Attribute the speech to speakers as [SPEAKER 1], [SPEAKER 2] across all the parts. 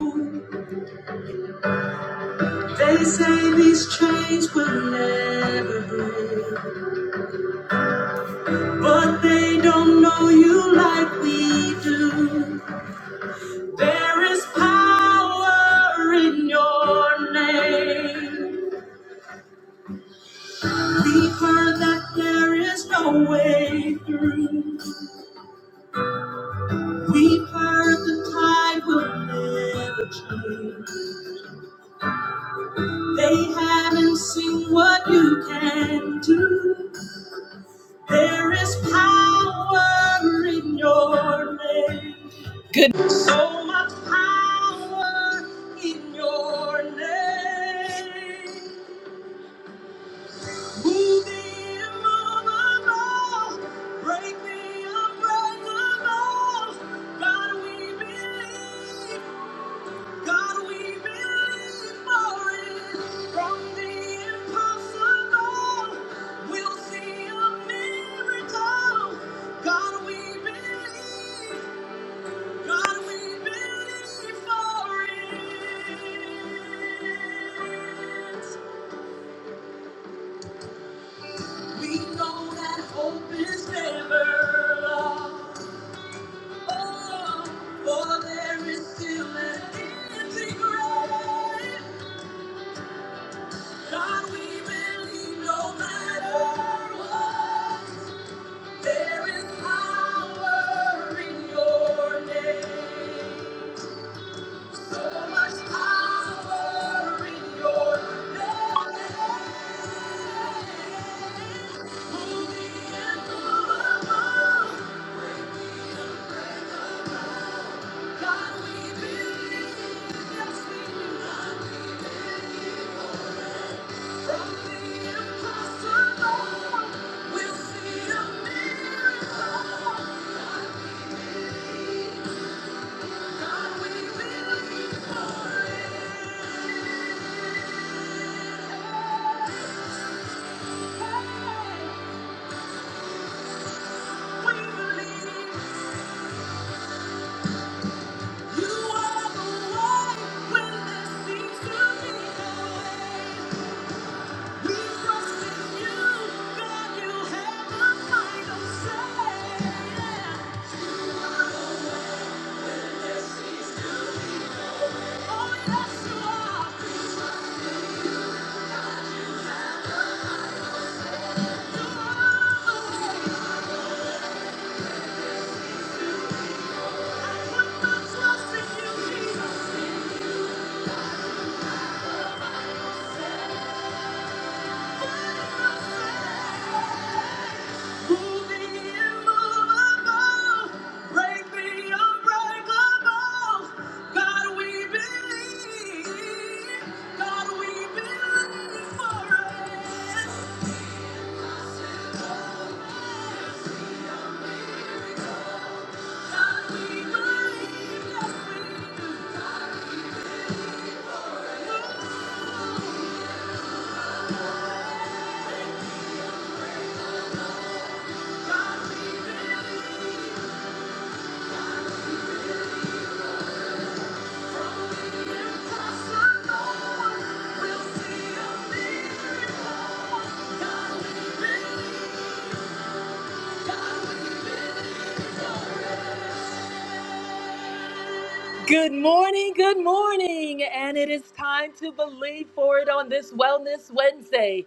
[SPEAKER 1] They say these chains will never break, but they don't know you like we do. There is power in your name. We've heard that there is no way through. We've heard the tide will never change. They haven't seen what you can do. There is power in your name. So much power in your name. Move the immovable, break the unbreakable. God, we believe. God, we believe for it. From the impossible, we'll see a miracle. God, we believe. God, we believe for it. We know that hope is never lost. Oh, for there is still an empty grave. God, we believe no matter what, there is power in your name. So much power in your name. Yeah. Good morning, good morning, and it is time to believe for it on this Wellness Wednesday.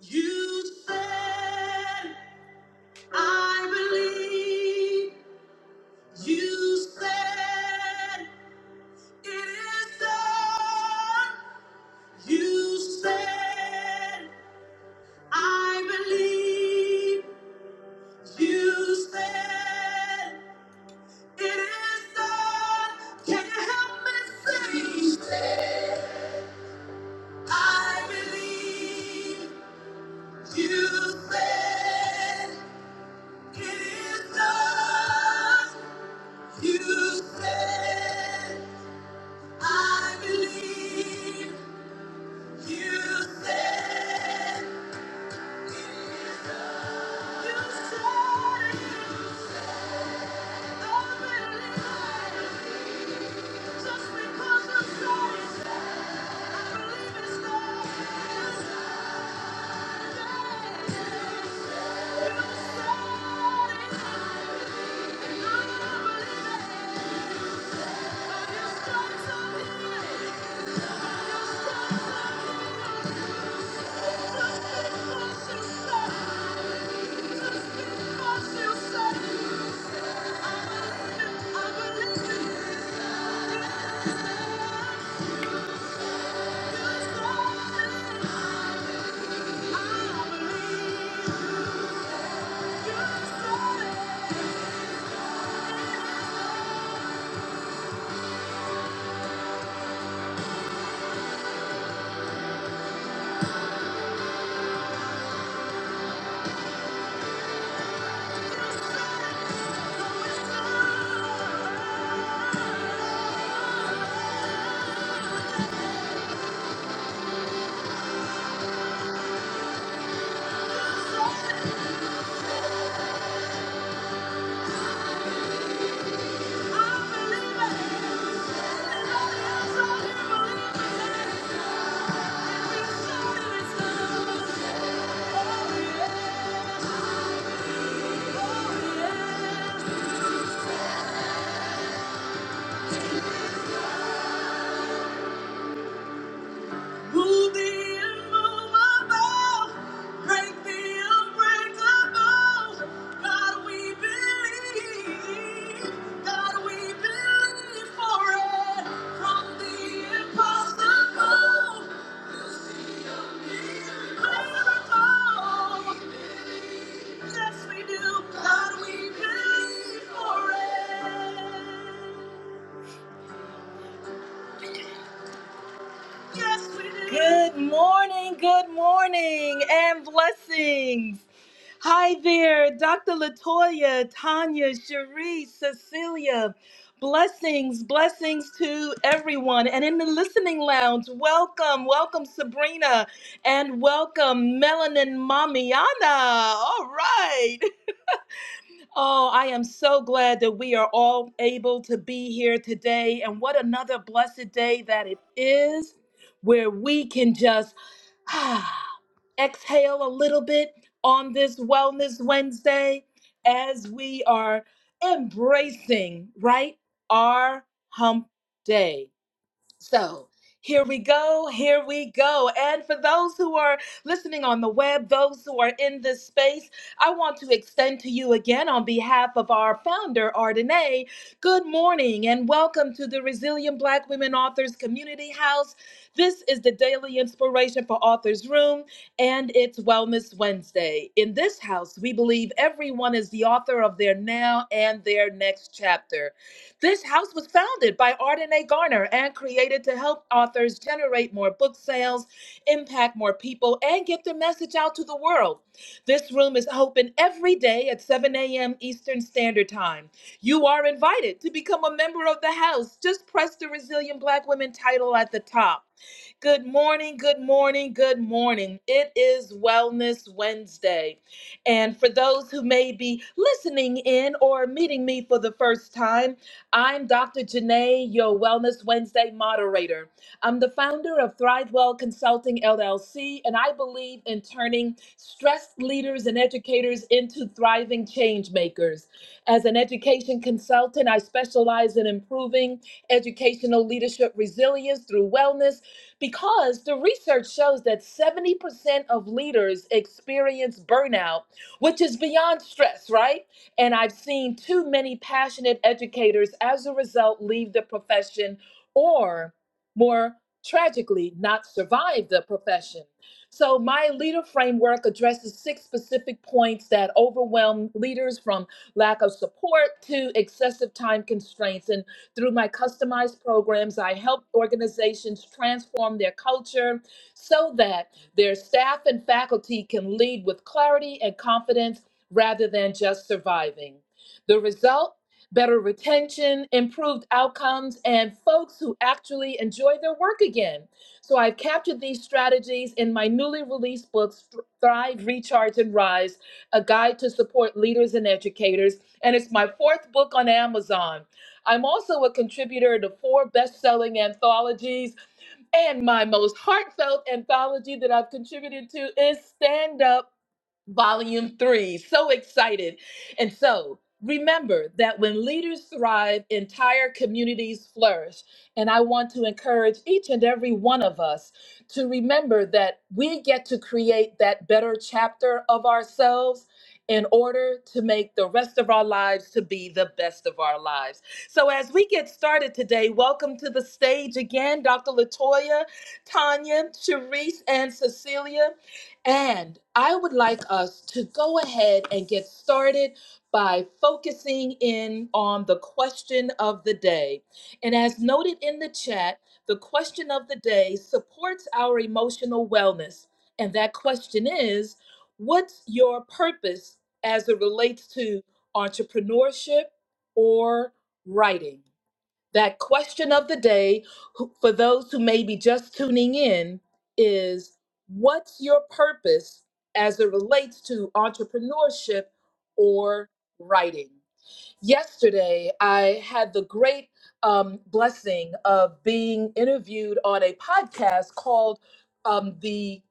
[SPEAKER 1] You said. I believe you said it is done. You said, I believe you said it is done. Can you help me say? You said, I believe you said it is done. You said. I believe you said you said it. I believe it. Just because you said it, I believe it's not. You said it. You said it. And I'm gonna believe it. And you started to believe it. You started to believe it. Just because you said it. Yeah. Move the immovable, break the unbreakable. God, we believe. God, we believe for it. From the impossible, miracle. Yes, we do. God, we believe for it. Yes, we do. Good morning, good morning, and blessings. Hi there, Dr. Latoya, Tanya, Cherie, Cecilia. Blessings, blessings to everyone. And in the listening lounge, welcome, welcome Sabrina, and welcome Melanin Mamiana. All right. Oh, I am so glad that we are all able to be here today. And what another blessed day that it is where we can just exhale a little bit on this Wellness Wednesday as we are embracing, right, our hump day. So here we go, here we go. And for those who are listening on the web, those who are in this space, I want to extend to you again on behalf of our founder, Ardenae, good morning and welcome to the Resilient Black Women Authors Community House. This is the daily inspiration for Authors Room, and it's Wellness Wednesday. In this house, we believe everyone is the author of their now and their next chapter. This house was founded by Arden A. Garner and created to help authors generate more book sales, impact more people, and get their message out to the world. This room is open every day at 7 a.m. Eastern Standard Time. You are invited to become a member of the house. Just press the Resilient Black Women title at the top. Good morning, good morning, good morning. It is Wellness Wednesday. And for those who may be listening in or meeting me for the first time, I'm Dr. Janae, your Wellness Wednesday moderator. I'm the founder of ThriveWell Consulting LLC, and I believe in turning stressed leaders and educators into thriving change makers. As an education consultant, I specialize in improving educational leadership resilience through wellness because the research shows that 70% of leaders experience burnout, which is beyond stress, right? And I've seen too many passionate educators as a result leave the profession or more tragically not survive the profession. So my leader framework addresses six specific points that overwhelm leaders from lack of support to excessive time constraints. And through my customized programs, I help organizations transform their culture so that their staff and faculty can lead with clarity and confidence rather than just surviving. The result? Better retention, improved outcomes, and folks who actually enjoy their work again. So I've captured these strategies in my newly released books, Thrive, Recharge, and Rise, a guide to support leaders and educators. And it's my fourth book on Amazon. I'm also a contributor to four best selling anthologies, and my most heartfelt anthology that I've contributed to is Stand Up Volume 3. So excited. And so, remember that when leaders thrive, entire communities flourish. And I want to encourage each and every one of us to remember that we get to create that better chapter of ourselves in order to make the rest of our lives to be the best of our lives. So, as we get started today, welcome to the stage again, Dr. Latoya, Tanya, Sharice, and Cecilia. And I would like us to go ahead and get started by focusing in on the question of the day. And as noted in the chat, the question of the day supports our emotional wellness. And that question is what's your purpose as it relates to entrepreneurship? or writing. That question of the day who- for those who may be just tuning in is what's your purpose as it relates to entrepreneurship or writing? Yesterday, I had the great um, blessing of being interviewed on a podcast called um, the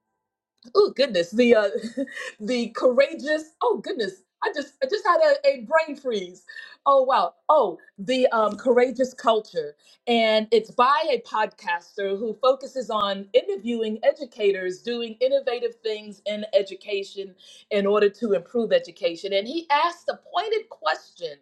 [SPEAKER 1] oh goodness the uh the courageous oh goodness i just i just had a, a brain freeze oh wow oh the um courageous culture and it's by a podcaster who focuses on interviewing educators doing innovative things in education in order to improve education and he asked a pointed question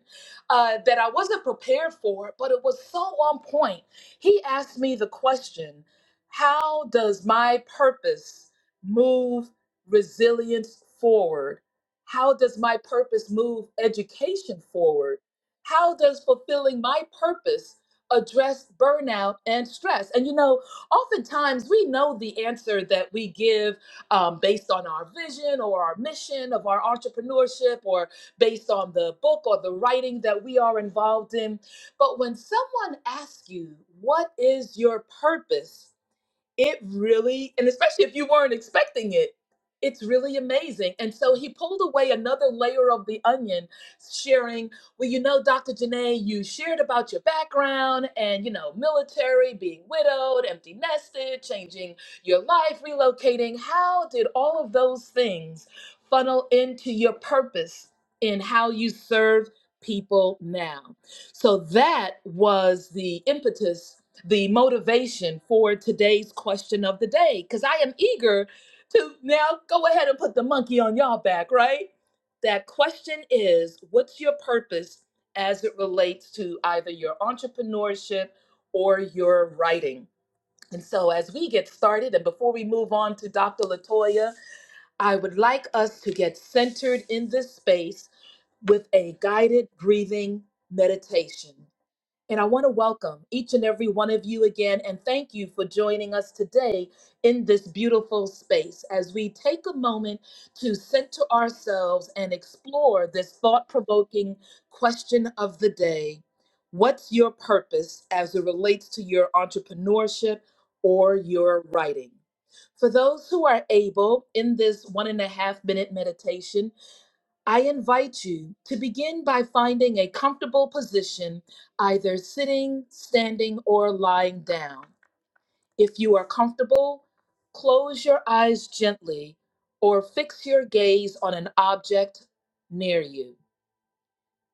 [SPEAKER 1] uh, that i wasn't prepared for but it was so on point he asked me the question how does my purpose move resilience forward? How does my purpose move education forward? How does fulfilling my purpose address burnout and stress? And you know, oftentimes we know the answer that we give um, based on our vision or our mission of our entrepreneurship or based on the book or the writing that we are involved in. But when someone asks you, What is your purpose? it really and especially if you weren't expecting it it's really amazing and so he pulled away another layer of the onion sharing well you know dr janae you shared about your background and you know military being widowed empty nested changing your life relocating how did all of those things funnel into your purpose in how you serve people now so that was the impetus the motivation for today's question of the day because I am eager to now go ahead and put the monkey on y'all back, right? That question is what's your purpose as it relates to either your entrepreneurship or your writing? And so, as we get started, and before we move on to Dr. Latoya, I would like us to get centered in this space with a guided breathing meditation. And I want to welcome each and every one of you again and thank you for joining us today in this beautiful space as we take a moment to center ourselves and explore this thought provoking question of the day What's your purpose as it relates to your entrepreneurship or your writing? For those who are able in this one and a half minute meditation, I invite you to begin by finding a comfortable position, either sitting, standing, or lying down. If you are comfortable, close your eyes gently or fix your gaze on an object near you.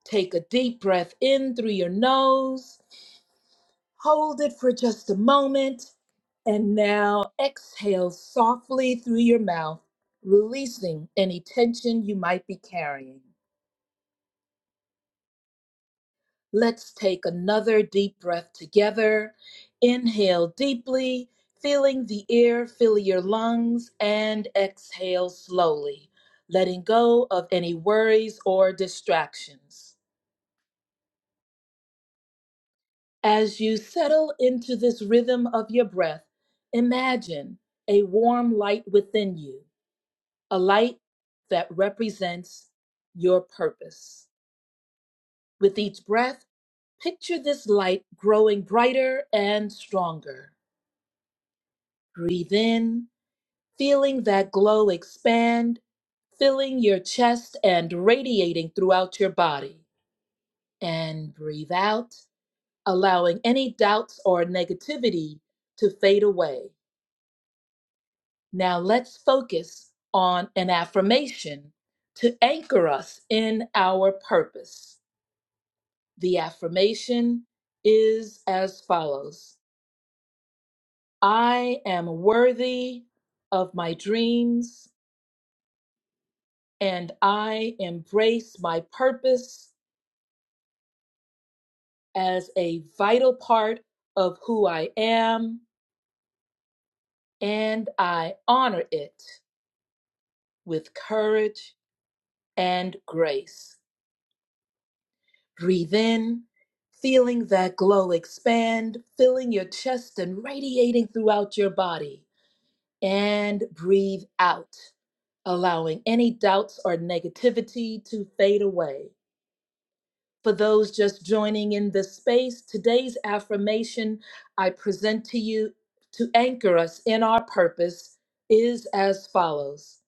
[SPEAKER 1] Take a deep breath in through your nose, hold it for just a moment, and now exhale softly through your mouth, releasing any tension you might be carrying. Let's take another deep breath together. Inhale deeply, feeling the air fill your lungs, and exhale slowly, letting go of any worries or distractions. As you settle into this rhythm of your breath, imagine a warm light within you, a light that represents your purpose. With each breath, picture this light growing brighter and stronger Breathe in, feeling that glow expand, filling your chest and radiating throughout your body. And breathe out, allowing any doubts or negativity to fade away. Now let's focus on an affirmation to anchor us in our purpose. The affirmation is as follows I am worthy of my dreams. and I embrace my purpose as a vital part of who I am, and I honor it with courage and grace. Breathe in, feeling that glow expand, filling your chest and radiating throughout your body, and breathe out, allowing any doubts or negativity to fade away. For those just joining in this space, today's affirmation I present to you to anchor us in our purpose is as follows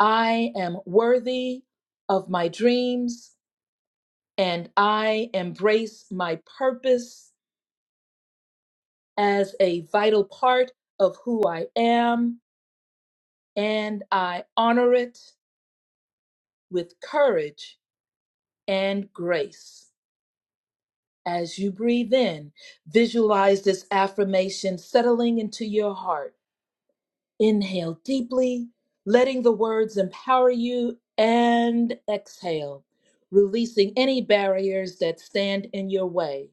[SPEAKER 1] I am worthy of my dreams, and I embrace my purpose as a vital part of who I am, and I honor it with courage and grace. As you breathe in, visualize this affirmation settling into your heart. Inhale deeply, letting the words empower you, and exhale, releasing any barriers that stand in your way.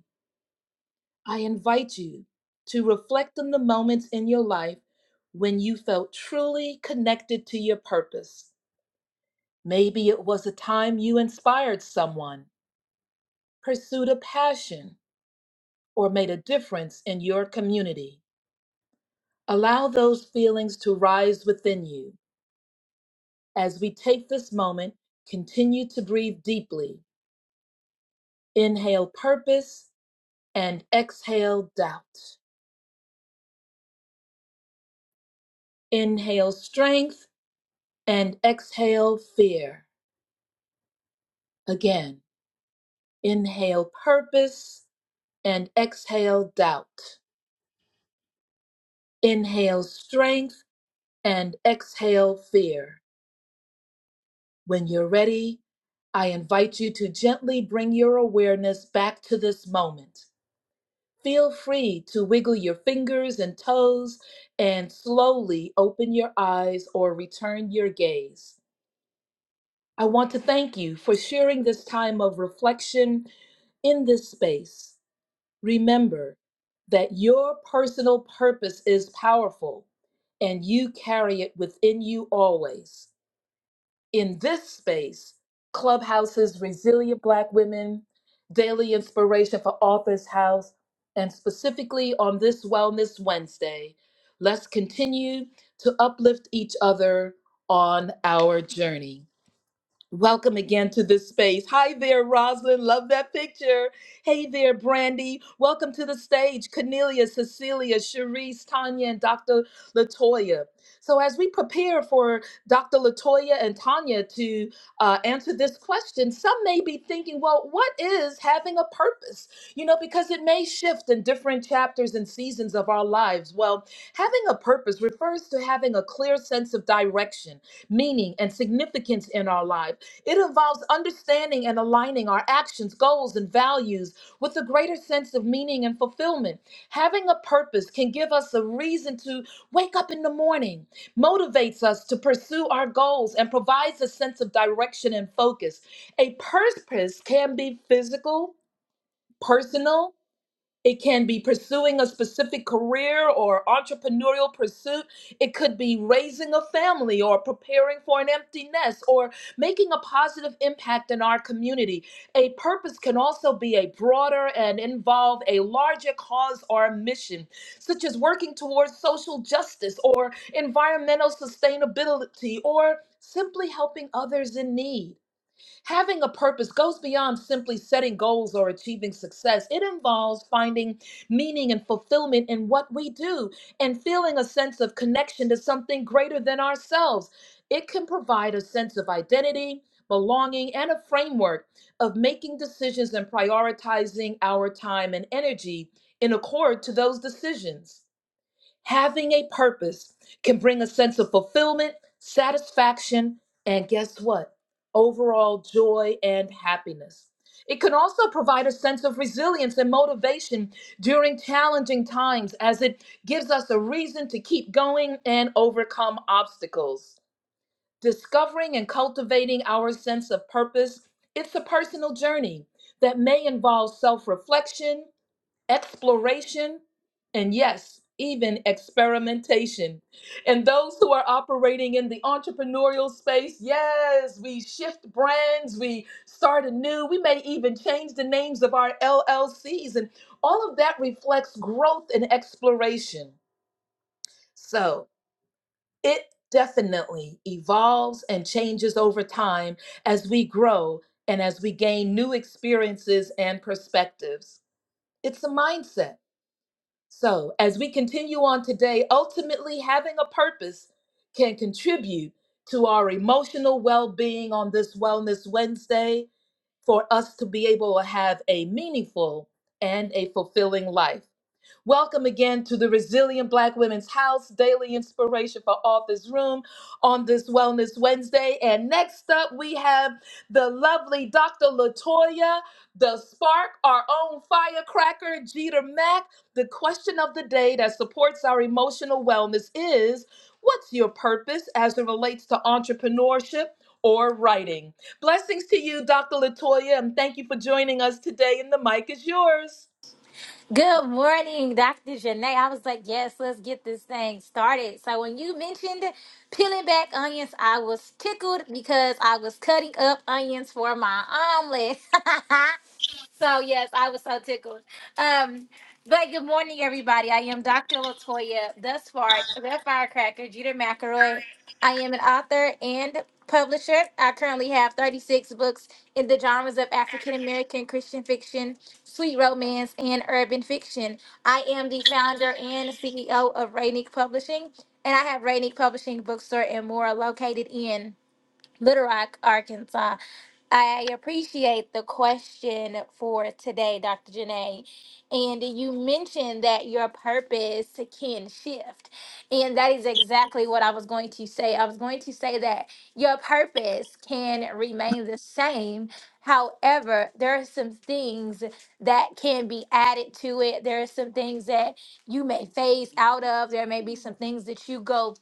[SPEAKER 1] I invite you to reflect on the moments in your life when you felt truly connected to your purpose. Maybe it was a time you inspired someone, pursued a passion, or made a difference in your community. Allow those feelings to rise within you. As we take this moment, continue to breathe deeply. Inhale purpose and exhale doubt. Inhale strength and exhale fear. Again, inhale purpose and exhale doubt. Inhale strength and exhale fear. When you're ready, I invite you to gently bring your awareness back to this moment. Feel free to wiggle your fingers and toes and slowly open your eyes or return your gaze. I want to thank you for sharing this time of reflection in this space. Remember that your personal purpose is powerful and you carry it within you always in this space, Clubhouse's Resilient Black Women, Daily Inspiration for Authors House, and specifically on this Wellness Wednesday, let's continue to uplift each other on our journey. Welcome again to this space. Hi there, Roslyn. Love that picture. Hey there, Brandy. Welcome to the stage, Cornelia, Cecilia, Cherise, Tanya, and Dr. Latoya. So, as we prepare for Dr. Latoya and Tanya to uh, answer this question, some may be thinking, well, what is having a purpose? You know, because it may shift in different chapters and seasons of our lives. Well, having a purpose refers to having a clear sense of direction meaning, and significance in our life. It involves understanding and aligning our actions, goals, and values with a greater sense of meaning and fulfillment. Having a purpose can give us a reason to wake up in the morning, motivates us to pursue our goals, and provides a sense of direction and focus. A purpose can be physical, personal, it can be pursuing a specific career or entrepreneurial pursuit. It could be raising a family or preparing for an empty nest or making a positive impact in our community. A purpose can also be a broader and involve a larger cause or mission, such as working towards social justice or environmental sustainability or simply helping others in need. Having a purpose goes beyond simply setting goals or achieving success. It involves finding meaning and fulfillment in what we do and feeling a sense of connection to something greater than ourselves. It can provide a sense of identity, belonging, and a framework of making decisions and prioritizing our time and energy in accord to those decisions. Having a purpose can bring a sense of fulfillment, satisfaction, and guess what? Overall joy and happiness. It can also provide a sense of resilience and motivation during challenging times as it gives us a reason to keep going and overcome obstacles. Discovering and cultivating our sense of purpose, it's a personal journey that may involve self-reflection, exploration, and yes, even experimentation. And those who are operating in the entrepreneurial space, yes, we shift brands, we start anew, we may even change the names of our LLCs, and all of that reflects growth and exploration. So it definitely evolves and changes over time as we grow and as we gain new experiences and perspectives. It's a mindset so, as we continue on today, ultimately having a purpose can contribute to our emotional well being on this Wellness Wednesday for us to be able to have a meaningful and a fulfilling life. Welcome again to the Resilient Black Women's House Daily Inspiration for Authors Room on this Wellness Wednesday. And next up, we have the lovely Dr. Latoya, the spark, our own firecracker, Jeter Mack. The question of the day that supports our emotional wellness is what's your purpose as it relates to entrepreneurship? Or writing. Blessings to you, Dr. Latoya, and thank you for joining us today. And the mic is yours.
[SPEAKER 2] Good morning, Dr. Janae. I was like, yes, let's get this thing started. So, when you mentioned peeling back onions, I was tickled because I was cutting up onions for my omelet. So yes, I was so tickled. Um, but good morning, everybody. I am Dr. Latoya, the Spark, the Firecracker, Jeter McElroy. I am an author and publisher. I currently have 36 books in the genres of African American Christian fiction, sweet romance, and urban fiction. I am the founder and CEO of Rainick Publishing, and I have Rainick Publishing Bookstore and more located in. Little Rock, Arkansas. I appreciate the question for today, Dr. Janae. And you mentioned that your purpose can shift. And that is exactly what I was going to say. I was going to say that your purpose can remain the same. However, there are some things that can be added to it. There are some things that you may phase out of. There may be some things that you go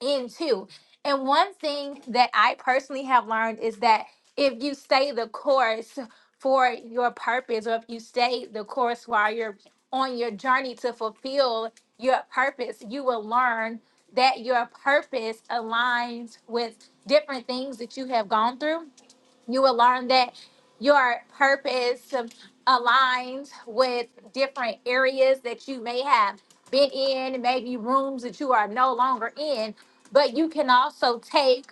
[SPEAKER 2] into. And one thing that I personally have learned is that if you stay the course for your purpose, or if you stay the course while you're on your journey to fulfill your purpose, you will learn that your purpose aligns with different things that you have gone through you will learn that your purpose aligns with different areas that you may have been in, maybe rooms that you are no longer in, but you can also take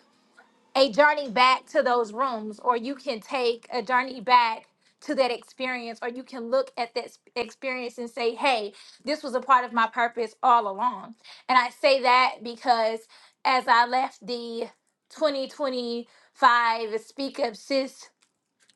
[SPEAKER 2] a journey back to those rooms, or you can take a journey back to that experience, or you can look at that s- experience and say, hey, this was a part of my purpose all along. And I say that because as I left the 2025 Speak Up Sis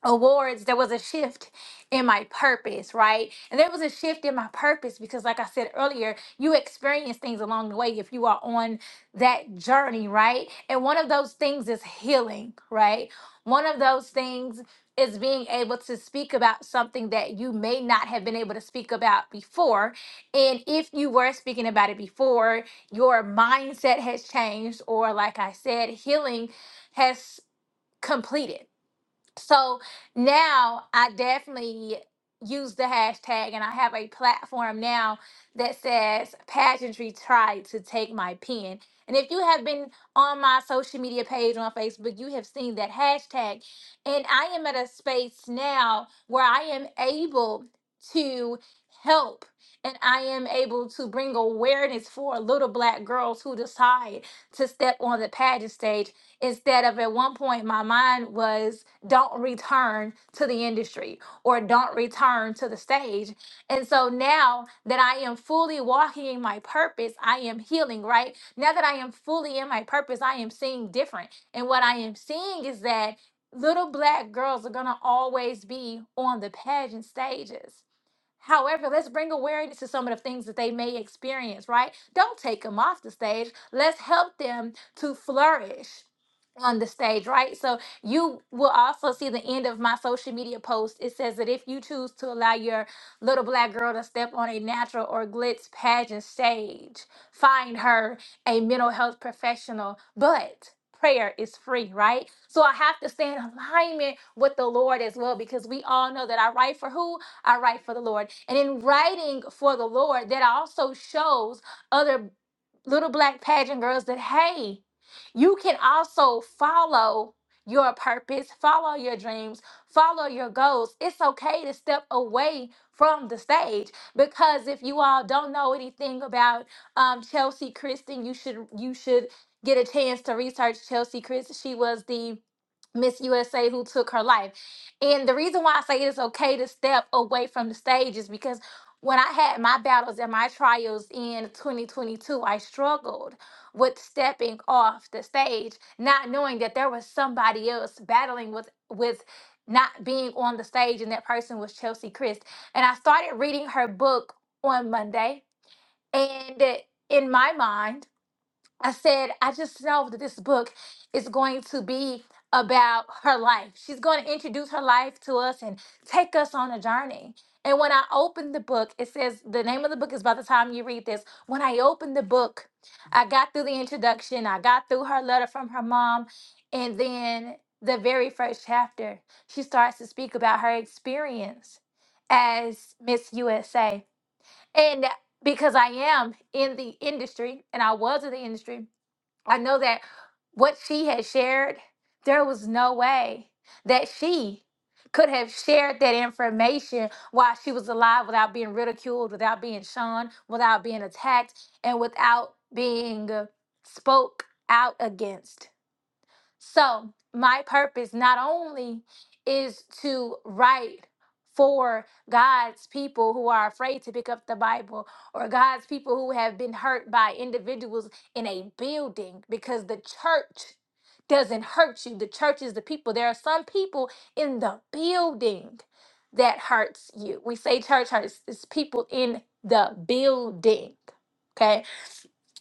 [SPEAKER 2] awards, there was a shift in my purpose, right? And there was a shift in my purpose because, like I said earlier, you experience things along the way if you are on that journey, right? And one of those things is healing, right? One of those things is being able to speak about something that you may not have been able to speak about before. And if you were speaking about it before, your mindset has changed, or like I said, healing has completed so now I definitely use the hashtag and I have a platform now that says pageantry tried to take my pen. And if you have been on my social media page on Facebook, you have seen that hashtag. And I am at a space now where I am able to help and I am able to bring awareness for little black girls who decide to step on the pageant stage instead of at one point my mind was don't return to the industry or don't return to the stage. And so now that I am fully walking in my purpose, I am healing, right? Now that I am fully in my purpose, I am seeing different. And what I am seeing is that little black girls are going to always be on the pageant stages However, let's bring awareness to some of the things that they may experience, right? Don't take them off the stage. Let's help them to flourish on the stage, right? So you will also see the end of my social media post. It says that if you choose to allow your little black girl to step on a natural or glitz pageant stage, find her a mental health professional. But prayer is free, right? So I have to stay in alignment with the Lord as well because we all know that I write for who? I write for the Lord. And in writing for the Lord, that also shows other little black pageant girls that, hey, you can also follow your purpose, follow your dreams, follow your goals. It's okay to step away from the stage because if you all don't know anything about um, Chelsea Kristen, you should you should get a chance to research Chelsea Kristen. She was the Miss USA who took her life. And the reason why I say it is okay to step away from the stage is because when I had my battles and my trials in 2022, I struggled with stepping off the stage, not knowing that there was somebody else battling with with not being on the stage, and that person was Chelsea Christ. And I started reading her book on Monday, and in my mind, I said, I just know that this book is going to be about her life. She's going to introduce her life to us and take us on a journey. And when I opened the book, it says the name of the book is by the time you read this. When I opened the book, I got through the introduction, I got through her letter from her mom, and then the very first chapter, she starts to speak about her experience as Miss USA. And because I am in the industry and I was in the industry, I know that what she had shared, there was no way that she could have shared that information while she was alive without being ridiculed, without being shunned, without being attacked, and without being uh, spoke out against. So, my purpose not only is to write for God's people who are afraid to pick up the Bible or God's people who have been hurt by individuals in a building because the church doesn't hurt you. The church is the people. There are some people in the building that hurts you. We say church hurts, it's people in the building. okay?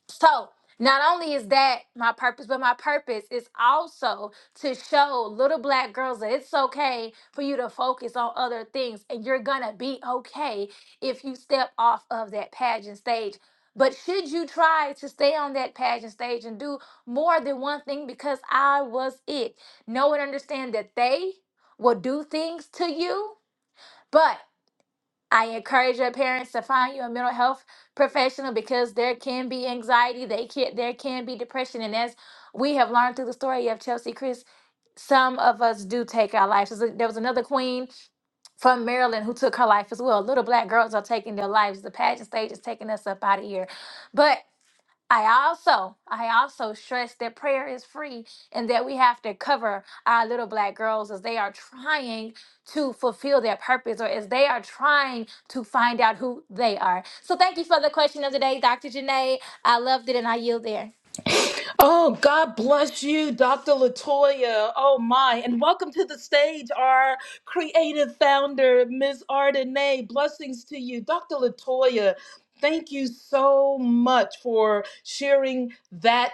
[SPEAKER 2] So not only is that my purpose, but my purpose is also to show little black girls that it's okay for you to focus on other things and you're gonna be okay if you step off of that pageant stage. But should you try to stay on that pageant stage and do more than one thing because I was it, know and understand that they will do things to you. but. I encourage your parents to find you a mental health professional because there can be anxiety, they can there can be depression, and as we have learned through the story of Chelsea Chris, some of us do take our lives. There's a- There was another queen from Maryland who took her life as well. Little black girls are taking their lives. The pageant stage is taking us up out of here. But I also, I also stress that prayer is free and that we have to cover our little black girls as they are trying to fulfill their purpose or as they are trying to find out who they are. So thank you for the question of the day, Dr. Janae. I loved it and I yield there.
[SPEAKER 1] Oh, God bless you, Dr. Latoya. Oh, my. And welcome to the stage, our creative founder, Ms. Ardenay. Blessings to you, Dr. Latoya. Thank you so much for sharing that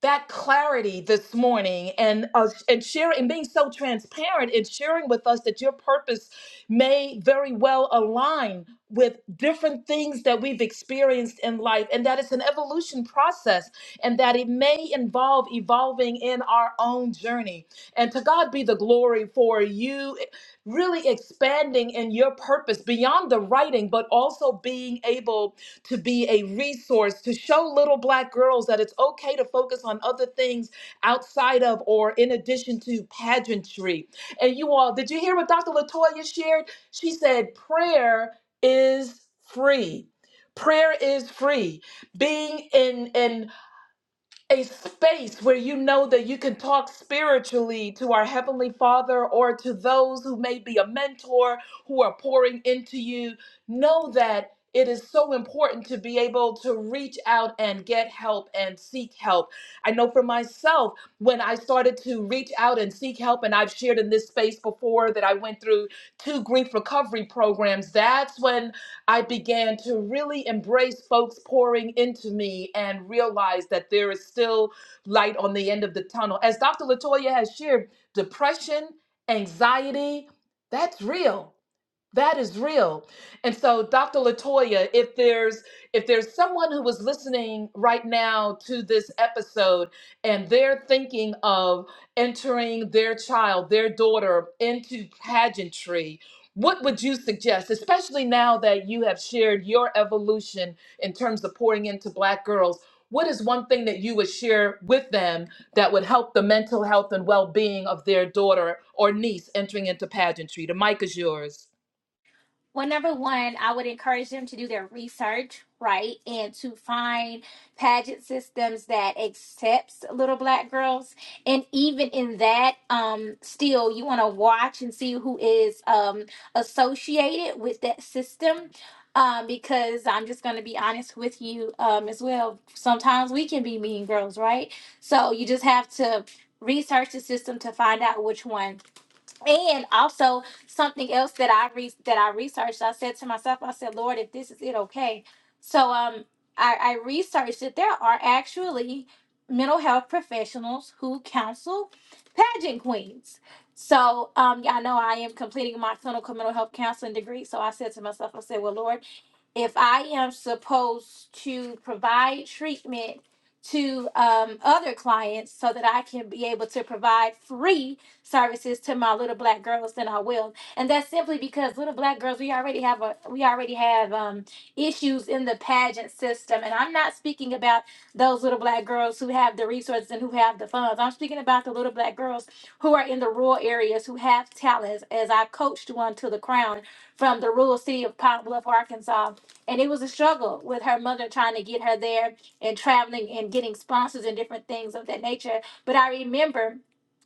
[SPEAKER 1] that clarity this morning and uh, and sharing and being so transparent and sharing with us that your purpose may very well align with different things that we've experienced in life and that it's an evolution process and that it may involve evolving in our own journey and to God be the glory for you really expanding in your purpose beyond the writing but also being able to be a resource to show little black girls that it's okay to focus on other things outside of or in addition to pageantry. And you all, did you hear what Dr. Latoya shared? She said, prayer is free. Prayer is free. Being in in a space where you know that you can talk spiritually to our Heavenly Father or to those who may be a mentor who are pouring into you. Know that it is so important to be able to reach out and get help and seek help. I know for myself, when I started to reach out and seek help, and I've shared in this space before that I went through two grief recovery programs, that's when I began to really embrace folks pouring into me and realize that there is still light on the end of the tunnel. As Dr. Latoya has shared, depression, anxiety, that's real. That is real. And so Dr. Latoya, if there's if there's someone who was listening right now to this episode and they're thinking of entering their child, their daughter into pageantry, what would you suggest, especially now that you have shared your evolution in terms of pouring into black girls? What is one thing that you would share with them that would help the mental health and well-being of their daughter or niece entering into pageantry? The mic is yours.
[SPEAKER 2] Well, number one, I would encourage them to do their research, right, and to find pageant systems that accepts little black girls. And even in that, um, still you want to watch and see who is um associated with that system. Um, because I'm just gonna be honest with you, um, as well. Sometimes we can be mean girls, right? So you just have to research the system to find out which one and also something else that I re- that I researched, I said to myself, I said, Lord, if this is it, okay. So um, I, I researched that there are actually mental health professionals who counsel pageant queens. So um, y'all know I am completing my clinical mental health counseling degree. So I said to myself, I said, well, Lord if I am supposed to provide treatment to um, other clients so that I can be able to provide free services to my little black girls, then I will. And that's simply because little black girls, we already have a we already have um, issues in the pageant system. And I'm not speaking about those little black girls who have the resources and who have the funds. I'm speaking about the little black girls who are in the rural areas who have talents. As I coached one to the crown from the rural city of Pine Bluff, Arkansas and it was a struggle with her mother trying to get her there and traveling and getting sponsors and different things of that nature. But I remember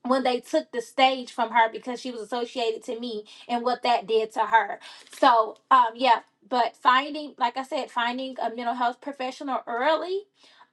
[SPEAKER 2] when they took the stage from her because she was associated to me and what that did to her. So, um, yeah, but finding, like I said, finding a mental health professional early.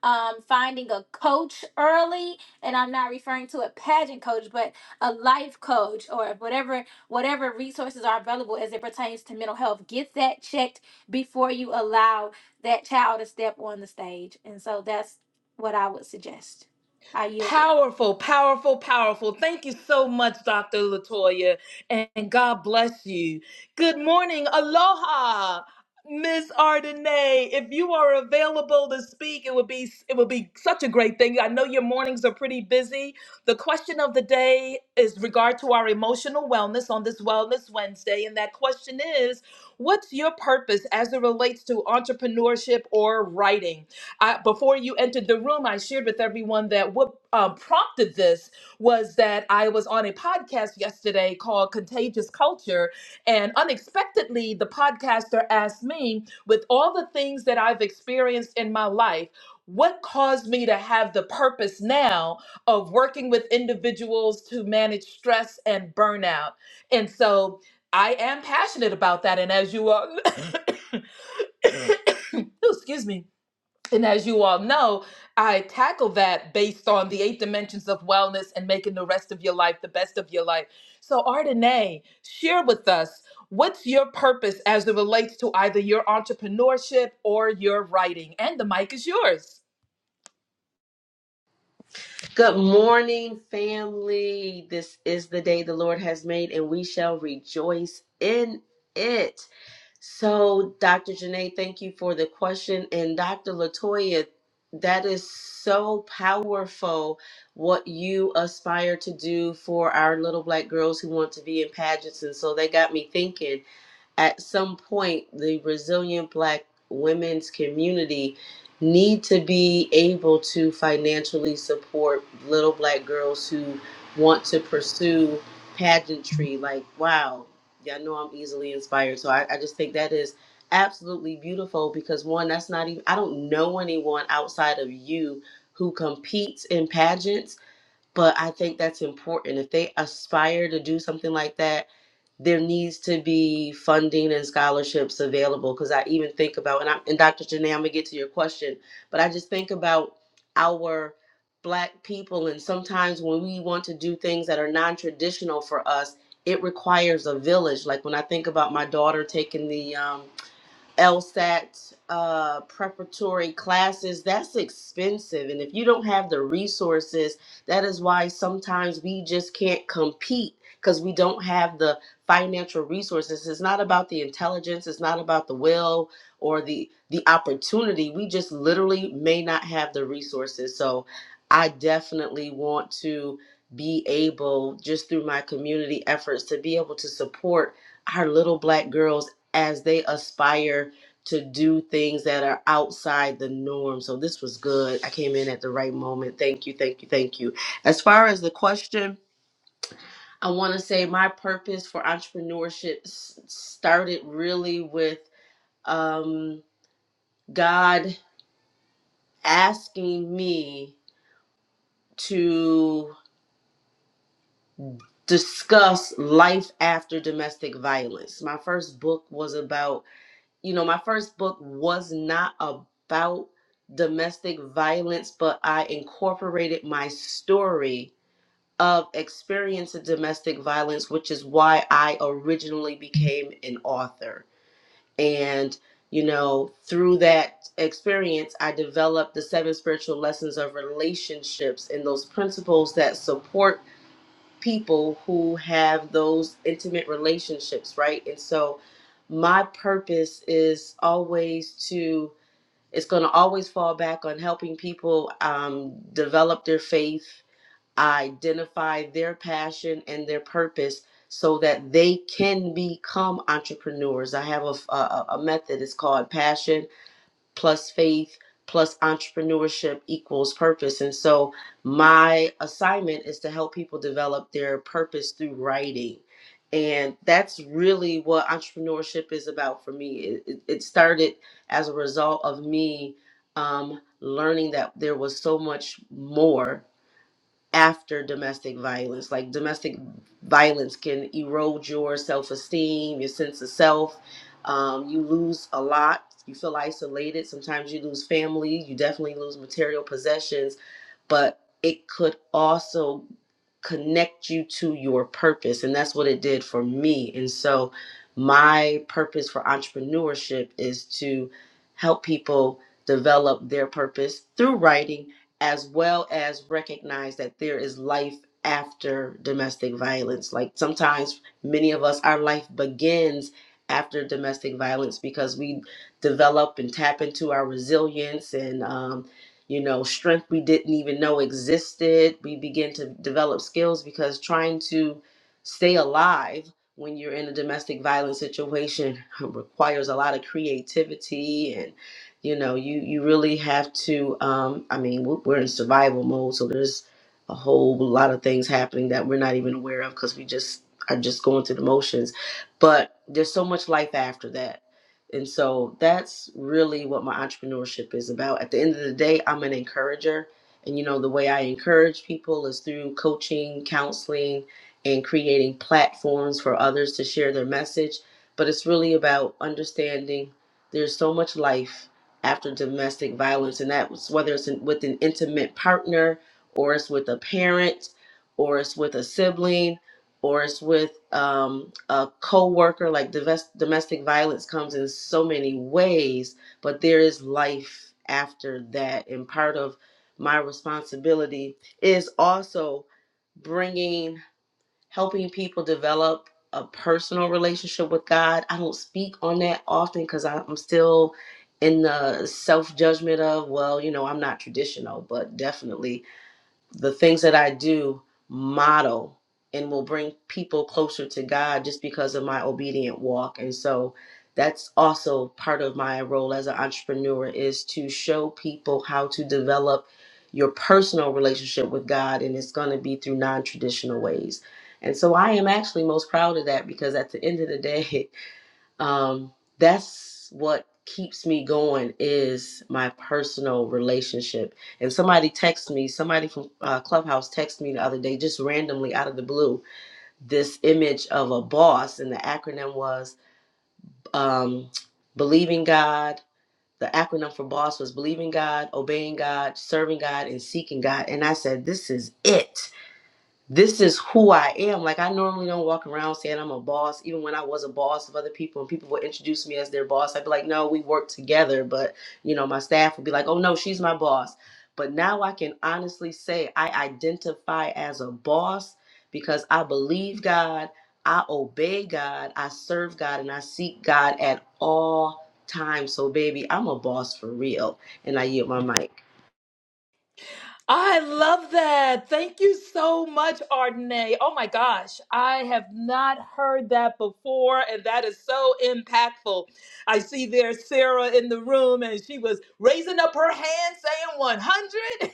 [SPEAKER 2] Um, finding a coach early, and I'm not referring to a pageant coach, but a life coach or whatever whatever resources are available as it pertains to mental health. Get that checked before you allow that child to step on the stage. And so that's what I would suggest. I yield there.
[SPEAKER 1] Powerful, powerful, powerful. Thank you so much, Dr. Latoya, and God bless you. Good morning. Aloha. Miss Ardenay, if you are available to speak, it would be it would be such a great thing. I know your mornings are pretty busy. The question of the day is regard to our emotional wellness on this Wellness Wednesday, and that question is, what's your purpose as it relates to entrepreneurship or writing? I, before you entered the room, I shared with everyone that what um, prompted this was that I was on a podcast yesterday called Contagious Culture. And unexpectedly, the podcaster asked me, with all the things that I've experienced in my life, what caused me to have the purpose now of working with individuals to manage stress and burnout? And so I am passionate about that. And as you all, excuse me and as you all know, I tackle that based on the eight dimensions of wellness and making the rest of your life the best of your life. So, Ardenae, share with us what's your purpose as it relates to either your entrepreneurship or your writing. And the mic is yours.
[SPEAKER 3] Good morning, family. This is the day the Lord has made, and we shall rejoice in it. So, Dr. Janae, thank you for the question. And Dr. Latoya, that is so powerful what you aspire to do for our little black girls who want to be in pageants. And so they got me thinking at some point the resilient black women's community need to be able to financially support little black girls who want to pursue pageantry like wow y'all know i'm easily inspired so I, I just think that is absolutely beautiful because one that's not even i don't know anyone outside of you who competes in pageants but i think that's important if they aspire to do something like that there needs to be funding and scholarships available because I even think about and I and Dr. Janae, I'm gonna get to your question, but I just think about our black people and sometimes when we want to do things that are non-traditional for us, it requires a village. Like when I think about my daughter taking the um LSAT uh, preparatory classes, that's expensive. And if you don't have the resources, that is why sometimes we just can't compete because we don't have the financial resources. It's not about the intelligence, it's not about the will or the the opportunity. We just literally may not have the resources. So I definitely want to be able just through my community efforts to be able to support our little black girls as they aspire to do things that are outside the norm. So this was good. I came in at the right moment. Thank you, thank you, thank you. As far as the question, I want to say my purpose for entrepreneurship s- started really with um, God asking me to discuss life after domestic violence. My first book was about you know, my first book was not about domestic violence, but I incorporated my story of experience of domestic violence, which is why I originally became an author. And, you know, through that experience, I developed the seven spiritual lessons of relationships and those principles that support people who have those intimate relationships, right? And so my purpose is always to, it's going to always fall back on helping people um, develop their faith, identify their passion and their purpose so that they can become entrepreneurs. I have a, a, a method, it's called passion plus faith plus entrepreneurship equals purpose. And so my assignment is to help people develop their purpose through writing. And that's really what entrepreneurship is about for me. It, it it started as a result of me um, learning that there was so much more after domestic violence. Like domestic violence can erode your self esteem, your sense of self. Um, you lose a lot. You feel isolated. Sometimes you lose family. You definitely lose material possessions, but it could also connect you to your purpose. And that's what it did for me. And so, my purpose for entrepreneurship is to help people develop their purpose through writing as well as recognize that there is life after domestic violence. Like sometimes, many of us, our life begins after domestic violence because we develop and tap into our resilience and, um, you know, strength we didn't even know existed. We begin to develop skills because trying to stay alive when you're in a domestic violence situation requires a lot of creativity you know you you really have to um i mean we're we're in survival mode so there's a whole lot of things happening that we're not even aware of because we just are just going through the motions but there's so much life after that and so that's really what my entrepreneurship is about at the end of the day i'm an encourager and you know the way i encourage people is through coaching counseling and creating platforms for others to share their message but it's really about understanding there's so much life after domestic violence, and that's whether it's in, with an intimate partner, or it's with a parent, or it's with a sibling, or it's with um, a worker Like divest, domestic violence comes in so many ways, but there is life after that, and part of my responsibility is also bringing helping people develop a personal relationship with God. I don't speak on that often because I'm still in the self judgment of, well, you know, I'm not traditional, but definitely the things that I do model and will bring people closer to God just because of my obedient walk. And so that's also part of my role as an entrepreneur is to show people how to develop your personal relationship with God and it's going to be through non-traditional ways. And so I am actually most proud of that because at the end of the day um, that's what keeps me going is my personal relationship. And somebody texted me, somebody from uh, Clubhouse texted me the other day, just randomly out of the blue, this image of a boss, and the acronym was um, believing God. The acronym for BOSS was believing God, obeying God, serving God, and seeking God. And I said, This is it this is who I am. Like I normally don't walk around saying I'm a boss. Even when I was a boss of other people and people would introduce me as their boss, I'd be like, no, we work together. But you know, my staff would be like, oh no, she's my boss. But now I can honestly say I identify as a boss because I believe God, I obey God, I serve God, and I seek God at all times. So baby, I'm a boss for real. And I yield my mic.
[SPEAKER 1] I love that. Thank you so much, Ardenae. Oh my gosh, I have not heard that before, and that is so impactful. I see there's Sarah in the room, and she was raising up her hand saying 100.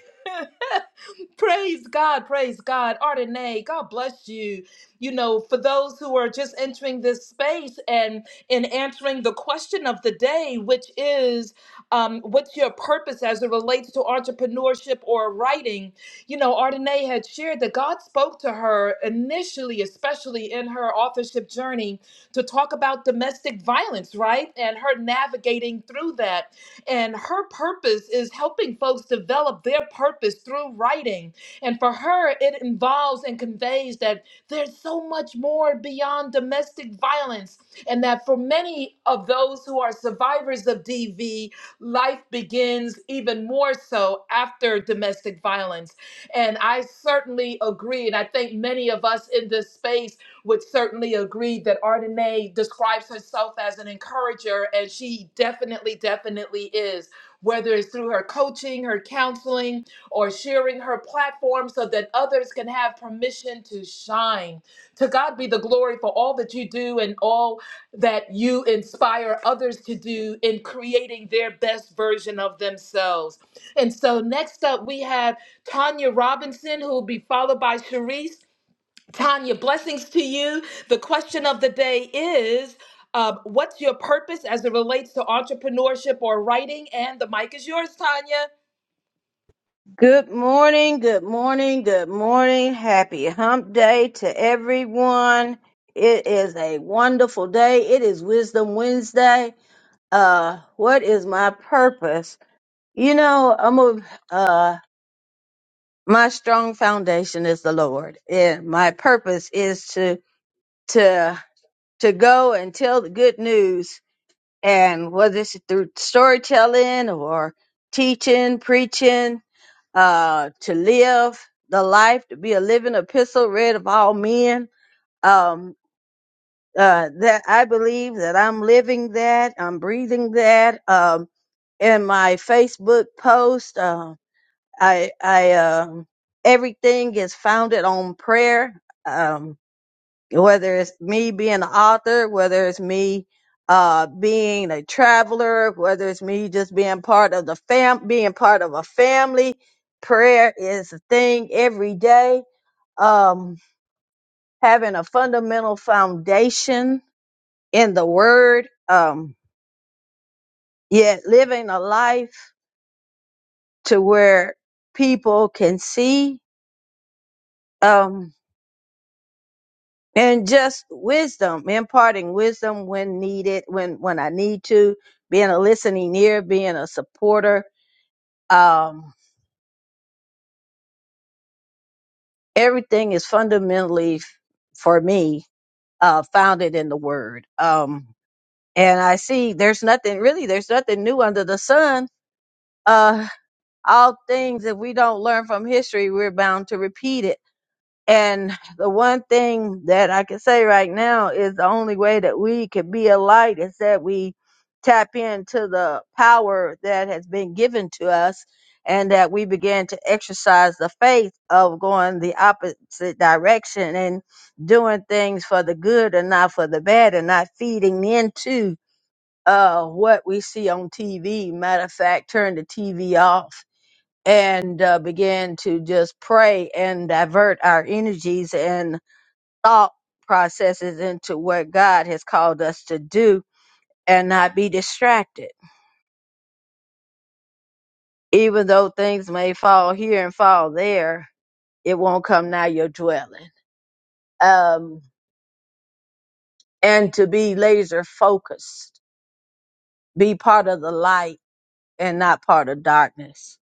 [SPEAKER 1] praise God, praise God. Ardenae. God bless you. You know, for those who are just entering this space and in answering the question of the day, which is um, what's your purpose as it relates to entrepreneurship or writing? You know, Ardenae had shared that God spoke to her initially, especially in her authorship journey, to talk about domestic violence, right? And her navigating through that. And her purpose is helping folks develop their purpose through writing. And for her, it involves and conveys that there's so much more beyond domestic violence, and that for many of those who are survivors of DV, life begins even more so after domestic violence. And I certainly agree, and I think many of us in this space would certainly agree that Ardenae describes herself as an encourager, and she definitely, definitely is. Whether it's through her coaching, her counseling, or sharing her platform so that others can have permission to shine. To God be the glory for all that you do and all that you inspire others to do in creating their best version of themselves. And so next up, we have Tanya Robinson, who will be followed by Sharice. Tanya, blessings to you. The question of the day is um, What's your purpose as it relates to entrepreneurship or writing? And the mic is yours, Tanya.
[SPEAKER 4] Good morning, good morning, good morning. Happy hump day to everyone. It is a wonderful day. It is Wisdom Wednesday. Uh, what is my purpose? You know, I'm a, uh, my strong foundation is the Lord and my purpose is to, to, to go and tell the good news and whether it's through storytelling or teaching, preaching, uh, to live the life, to be a living epistle read of all men. Um, uh, that I believe that I'm living that, I'm breathing that. Um, in my Facebook post, uh, I, I, um everything is founded on prayer. Um, whether it's me being an author, whether it's me uh being a traveler, whether it's me just being part of the fam being part of a family. Prayer is a thing every day. Um having a fundamental foundation in the word, um, yet living a life to where people can see. Um and just wisdom, imparting wisdom when needed, when when I need to, being a listening ear, being a supporter. Um, everything is fundamentally f- for me uh, founded in the Word. Um, and I see there's nothing really, there's nothing new under the sun. Uh, all things if we don't learn from history, we're bound to repeat it And the one thing that I can say right now is the only way that we could be a light is that we tap into the power that has been given to us and that we begin to exercise the faith of going the opposite direction and doing things for the good and not for the bad and not feeding into uh what we see on TV. Matter of fact, turn the TV off and uh, begin to just pray and divert our energies and thought processes into what God has called us to do and not be distracted. Even though things may fall here and fall there, it won't come nigh your dwelling. Um, and to be laser focused, be part of the light and not part of darkness,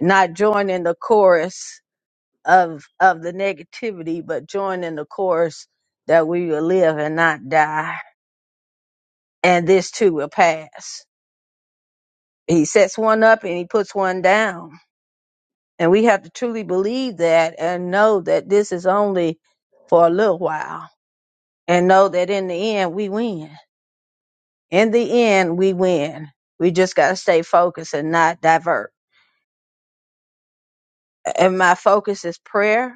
[SPEAKER 4] not join in the chorus of of the negativity, but join in the chorus that we will live and not die, and this too will pass. He sets one up and he puts one down, and we have to truly believe that and know that this is only for a little while, and know that in the end we win. In the end, we win. We just got to stay focused and not divert. And my focus is prayer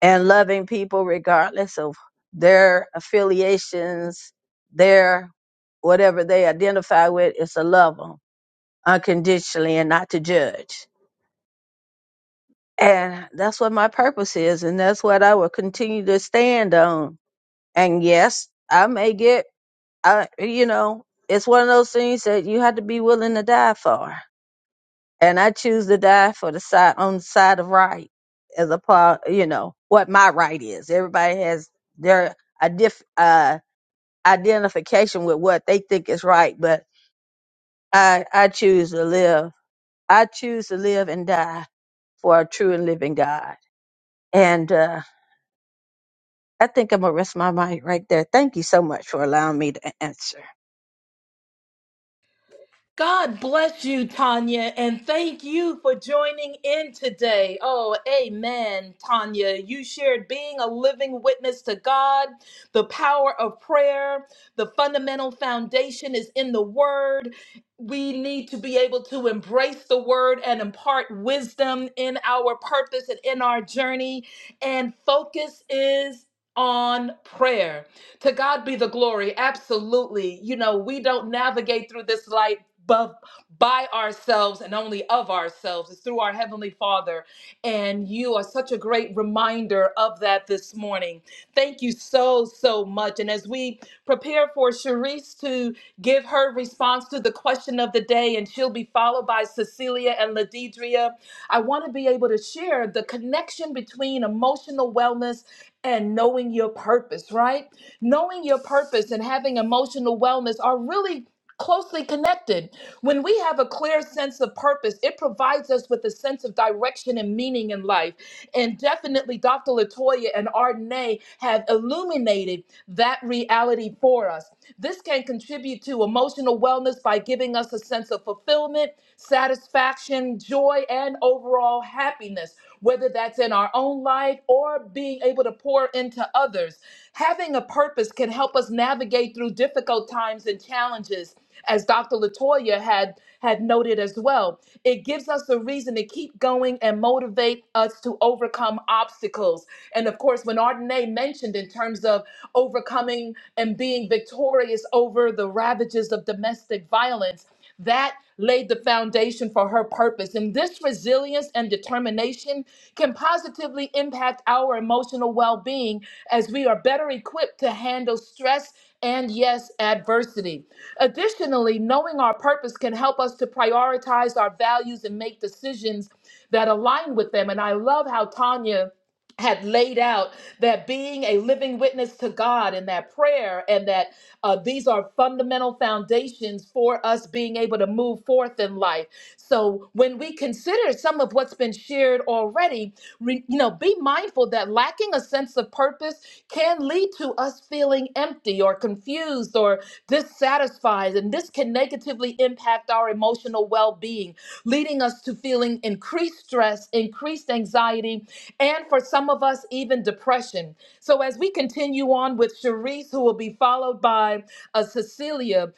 [SPEAKER 4] and loving people regardless of their affiliations, their whatever they identify with, is to love them unconditionally and not to judge. And that's what my purpose is, and that's what I will continue to stand on. And yes, I may get, I you know, it's one of those things that you have to be willing to die for and I choose to die for the side on the side of right as a part, you know, what my right is. Everybody has their idif- uh, identification with what they think is right, but I I choose to live. I choose to live and die for a true and living God. And uh, I think I'm gonna rest my mind right there. Thank you so much for allowing me to answer.
[SPEAKER 1] God bless you, Tanya, and thank you for joining in today. Oh, amen, Tanya. You shared being a living witness to God, the power of prayer, the fundamental foundation is in the Word. We need to be able to embrace the Word and impart wisdom in our purpose and in our journey. And focus is on prayer. To God be the glory. Absolutely. You know, we don't navigate through this life bu- by ourselves and only of ourselves. It's through our Heavenly Father. And you are such a great reminder of that this morning. Thank you so, so much. And as we prepare for Sharice to give her response to the question of the day, and she'll be followed by Cecilia and Ladidria, I want to be able to share the connection between emotional wellness and knowing your purpose, right? Knowing your purpose and having emotional wellness are really closely connected. When we have a clear sense of purpose, it provides us with a sense of direction and meaning in life. And definitely Dr. Latoya and Ardenae have illuminated that reality for us. This can contribute to emotional wellness by giving us a sense of fulfillment, satisfaction, joy, and overall happiness, whether that's in our own life or being able to pour into others. Having a purpose can help us navigate through difficult times and challenges as Dr. Latoya had had noted as well. It gives us a reason to keep going and motivate us to overcome obstacles. And of course, when Ardenae mentioned in terms of overcoming and being victorious over the ravages of domestic violence, that laid the foundation for her purpose. And this resilience and determination can positively impact our emotional well being as we are better equipped to handle stress and, yes, adversity. Additionally, knowing our purpose can help us to prioritize our values and make decisions that align with them. And I love how Tanya had laid out that being a living witness to God and that prayer and that uh, these are fundamental foundations for us being able to move forth in life. So when we consider some of what's been shared already, re- you know, be mindful that lacking a sense of purpose can lead to us feeling empty or confused or dissatisfied, and this can negatively impact our emotional well-being, leading us us to feeling increased stress, increased anxiety, and for some of us, even depression. So, as we continue on with Cherise, who will be followed by uh, Cecilia,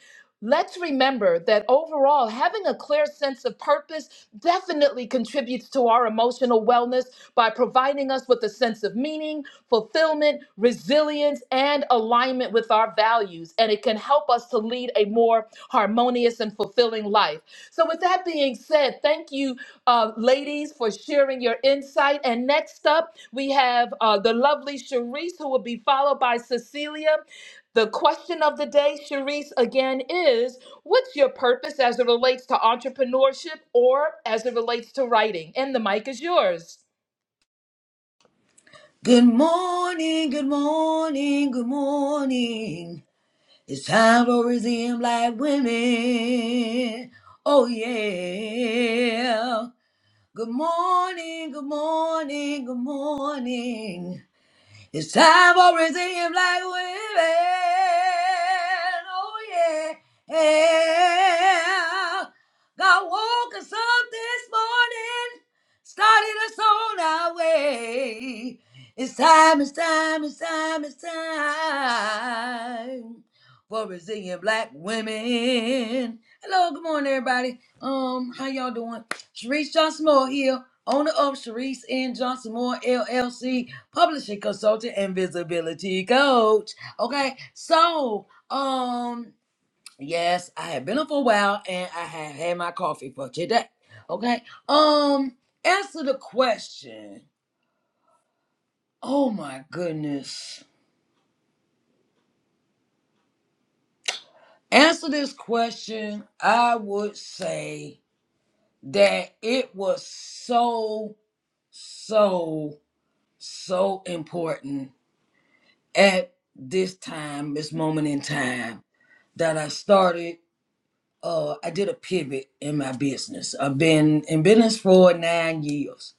[SPEAKER 1] let's remember that overall, having a clear sense of purpose definitely contributes to our emotional wellness by providing us with a sense of meaning, fulfillment, resilience, and alignment with our values. And it can help us to lead a more harmonious and fulfilling life. So, with that being said, thank you, uh, ladies, for sharing your insight. And next up, we have uh, the lovely Sharice, who will be followed by Cecilia. The question of the day, Sharice, again is what's your purpose as it relates to entrepreneurship or as it relates to writing? And the mic is yours.
[SPEAKER 5] Good morning, good morning, good morning. It's time for Brazilian black women. Oh yeah. Good morning, good morning, good morning. It's time for Brazilian black women. Oh yeah. yeah. God woke us up this morning, started us on our way. It's time, it's time, it's time, it's time for resilient black women. Hello, good morning, everybody. Um, how y'all doing? Sharice Johnson Moore here, owner of Sharice and Johnson Moore LLC publishing consultant and visibility coach. Okay, so um, yes, I have been up for a while and I have had my coffee for today. Okay, um, answer the question. Oh my goodness, answer this question. I would say that it was so so so important at this time, this moment in time, that I started uh, I did a pivot in my business. I've been in business for nine years,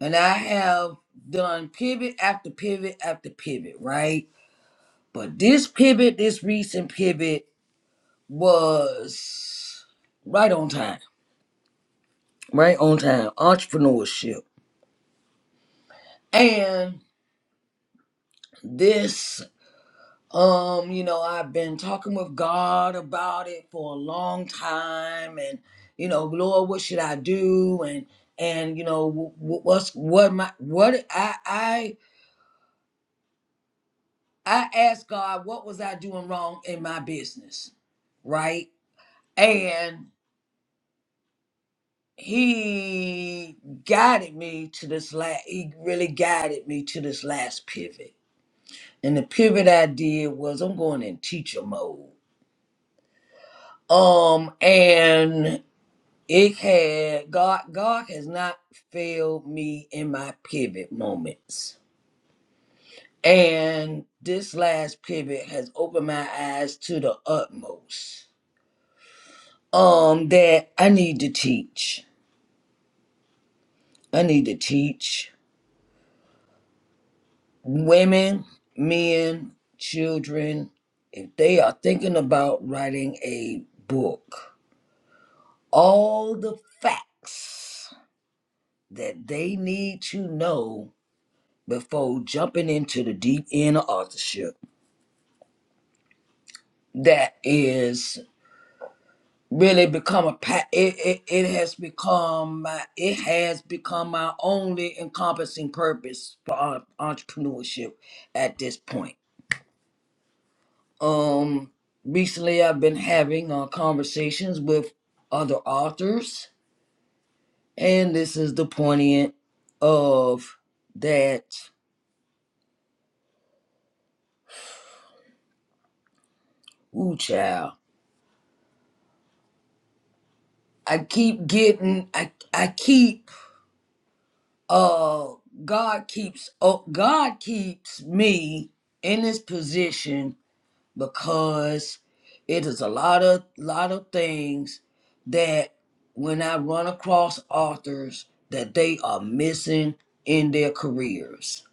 [SPEAKER 5] and I have done pivot after pivot after pivot, right? But this pivot, this recent pivot, was right on time, right on time, entrepreneurship. And this Um, you know, I've been talking with God about it for a long time, and you know, Lord, what should I do? And and you know, wh- wh- what's what my what I I I asked God, what was I doing wrong in my business, right? And He guided me to this last. He really guided me to this last pivot, and the pivot I did was I'm going in teacher mode. Um, and It had God. God has not failed me in my pivot moments, and this last pivot has opened my eyes to the utmost. Um, that I need to teach. I need to teach women, men, children, if they are thinking about writing a book, all the facts that they need to know before jumping into the deep end of authorship that is really become a pa- it, it, it has become my it has become my only encompassing purpose for en- entrepreneurship at this point um recently i've been having uh, conversations with other authors and this is the poignant of that ooh child i keep getting i i keep uh God keeps oh God keeps me in this position because it is a lot of lot of things that when I run across authors that they are missing in their careers.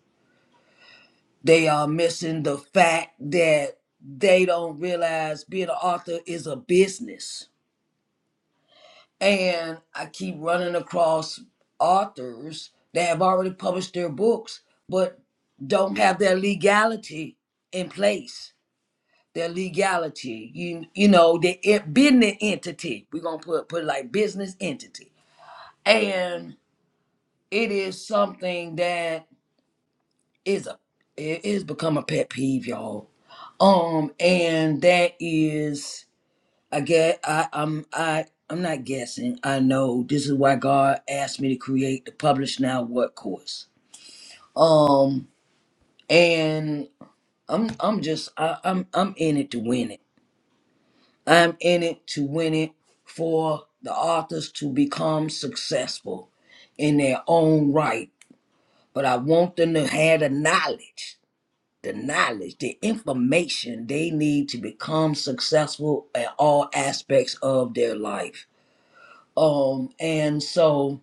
[SPEAKER 5] They are missing the fact that they don't realize being an author is a business And I keep running across authors that have already published their books, but don't have their legality in place. Their legality, you you know, the en- business entity. We're gonna put put it like business entity, and it is something that is a it is become a pet peeve, y'all. Um, and that is I get I I'm I I'm not guessing. I know this is why God asked me to create the publish now what course. Um and I'm I'm just I, I'm I'm in it to win it. I'm in it to win it for the authors to become successful in their own right. But I want them to have the knowledge, the knowledge, the information they need to become successful at all aspects of their life Um, and so,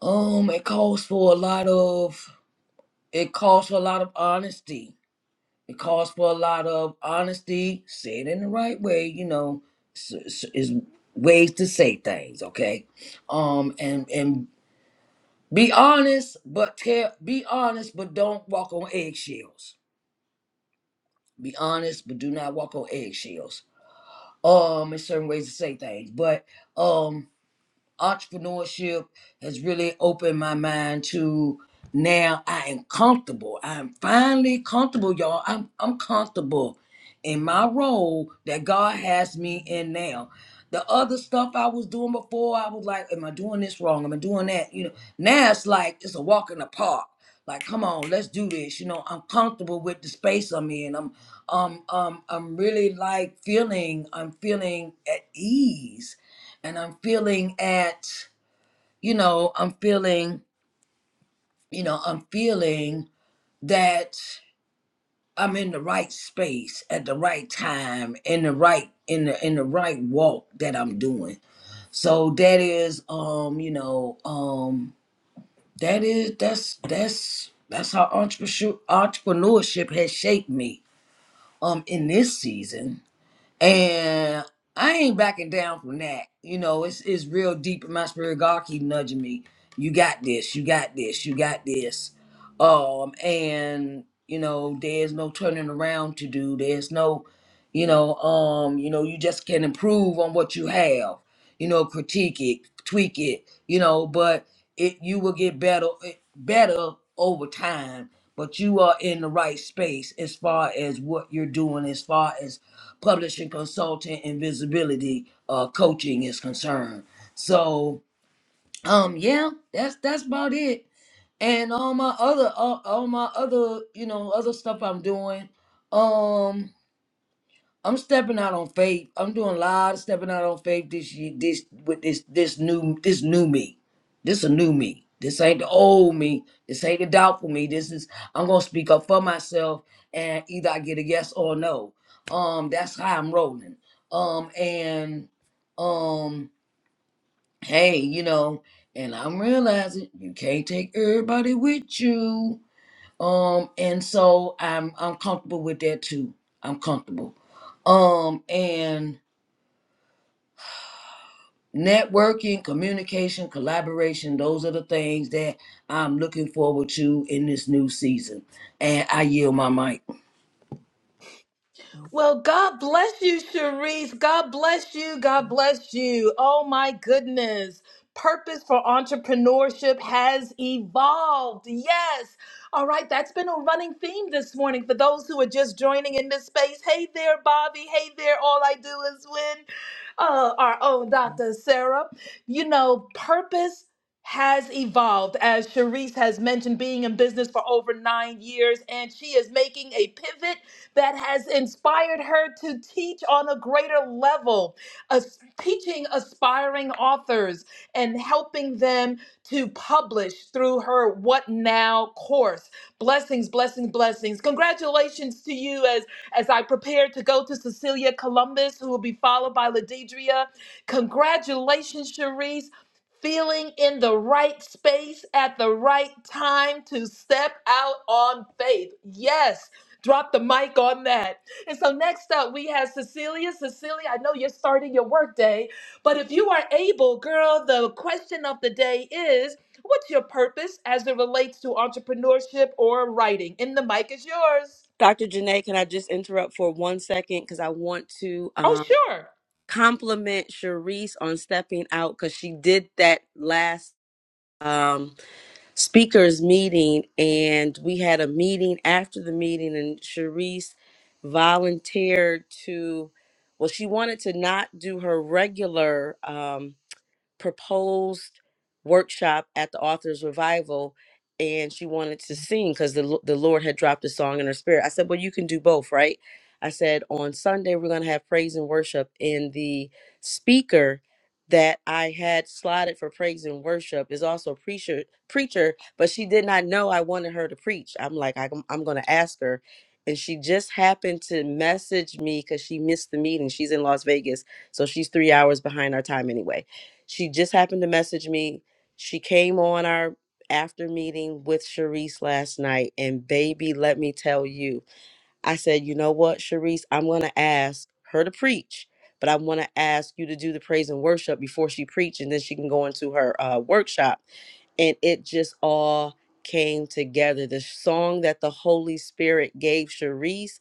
[SPEAKER 5] um, it calls for a lot of, it calls for a lot of honesty. It calls for a lot of honesty. Say it in the right way, you know, s- s- is ways to say things, okay? Um, and and be honest, but tell, be honest, but don't walk on eggshells. Be honest, but do not walk on eggshells. Um, in certain ways to say things, but um. entrepreneurship has really opened my mind to now I am comfortable. I'm finally comfortable, y'all. I'm I'm comfortable in my role that God has me in now. The other stuff I was doing before, I was like, am I doing this wrong? Am I doing that? You know, now it's like it's a walk in the park. Like, come on, let's do this. You know, I'm comfortable with the space I'm in. I'm um um I'm really like feeling I'm feeling at ease and I'm feeling at, you know, I'm feeling, you know, I'm feeling that I'm in the right space at the right time in the right in the in the right walk that I'm doing. So that is um, you know, um that is that's that's that's how entrepreneurship entrepreneurship has shaped me um in this season And I ain't backing down from that. You know, it's it's real deep in my spirit. God keep nudging me. You got this, you got this, you got this. Um, and you know, there's no turning around to do. There's no, you know, um, you know, you just can improve on what you have, you know, critique it, tweak it, you know, but it you will get better eh, better over time. But you are in the right space as far as what you're doing, as far as publishing consulting and visibility uh, coaching is concerned. So um yeah, that's that's about it. And all my other all, all my other you know other stuff I'm doing. Um I'm stepping out on faith. I'm doing a lot of stepping out on faith this year. This with this this new this new me. This a new me. This ain't the old me. This ain't the doubtful me. This is I'm gonna speak up for myself, and either I get a yes or a no. Um, that's how I'm rolling. Um, and um, hey, you know, and I'm realizing you can't take everybody with you. Um, and so I'm I'm comfortable with that too. I'm comfortable. Um, and networking, communication, collaboration, those are the things that I'm looking forward to in this new season. And I yield my mic.
[SPEAKER 1] Well, God bless you, Cherise. God bless you. God bless you. Oh my goodness. Purpose for entrepreneurship has evolved. Yes. All right. That's been a running theme this morning for those who are just joining in this space. Hey there, Bobby. Hey there. All I do is win. Uh, our own Dr. Sarah. You know, purpose has evolved, as Cherise has mentioned, being in business for over nine years, and she is making a pivot that has inspired her to teach on a greater level, as- teaching aspiring authors and helping them to publish through her What Now course. Blessings, blessings, blessings. Congratulations to you as as I prepare to go to Cecilia Columbus, who will be followed by Ladidria. Congratulations, Cherise. Feeling in the right space at the right time to step out on faith. Yes. Drop the mic on that. And so next up, we have Cecilia. Cecilia, I know you're starting your workday, but if you are able, girl, the question of the day is what's your purpose as it relates to entrepreneurship or writing? And the mic is yours.
[SPEAKER 3] Dr. Janae, can I just interrupt for one second? Because I want to. Um,
[SPEAKER 1] Oh, sure.
[SPEAKER 3] compliment Cherise on stepping out because she did that last um, speakers meeting, and we had a meeting after the meeting, and Cherise volunteered to. Well, she wanted to not do her regular. Um, proposed workshop at the author's revival and she wanted to sing because the, Lo- the lord had dropped a song in her spirit i said well you can do both right i said on sunday we're going to have praise and worship and the speaker that i had slotted for praise and worship is also a preacher preacher but she did not know i wanted her to preach i'm like i'm, I'm going to ask her and she just happened to message me because she missed the meeting she's in las vegas so she's three hours behind our time anyway she just happened to message me. She came on our after meeting with Sharice last night, and baby, let me tell you, I said, you know what, Sharice, I'm gonna ask her to preach, but I want to ask you to do the praise and worship before she preach, and then she can go into her uh, workshop and it just all came together. The song that the Holy Spirit gave Sharice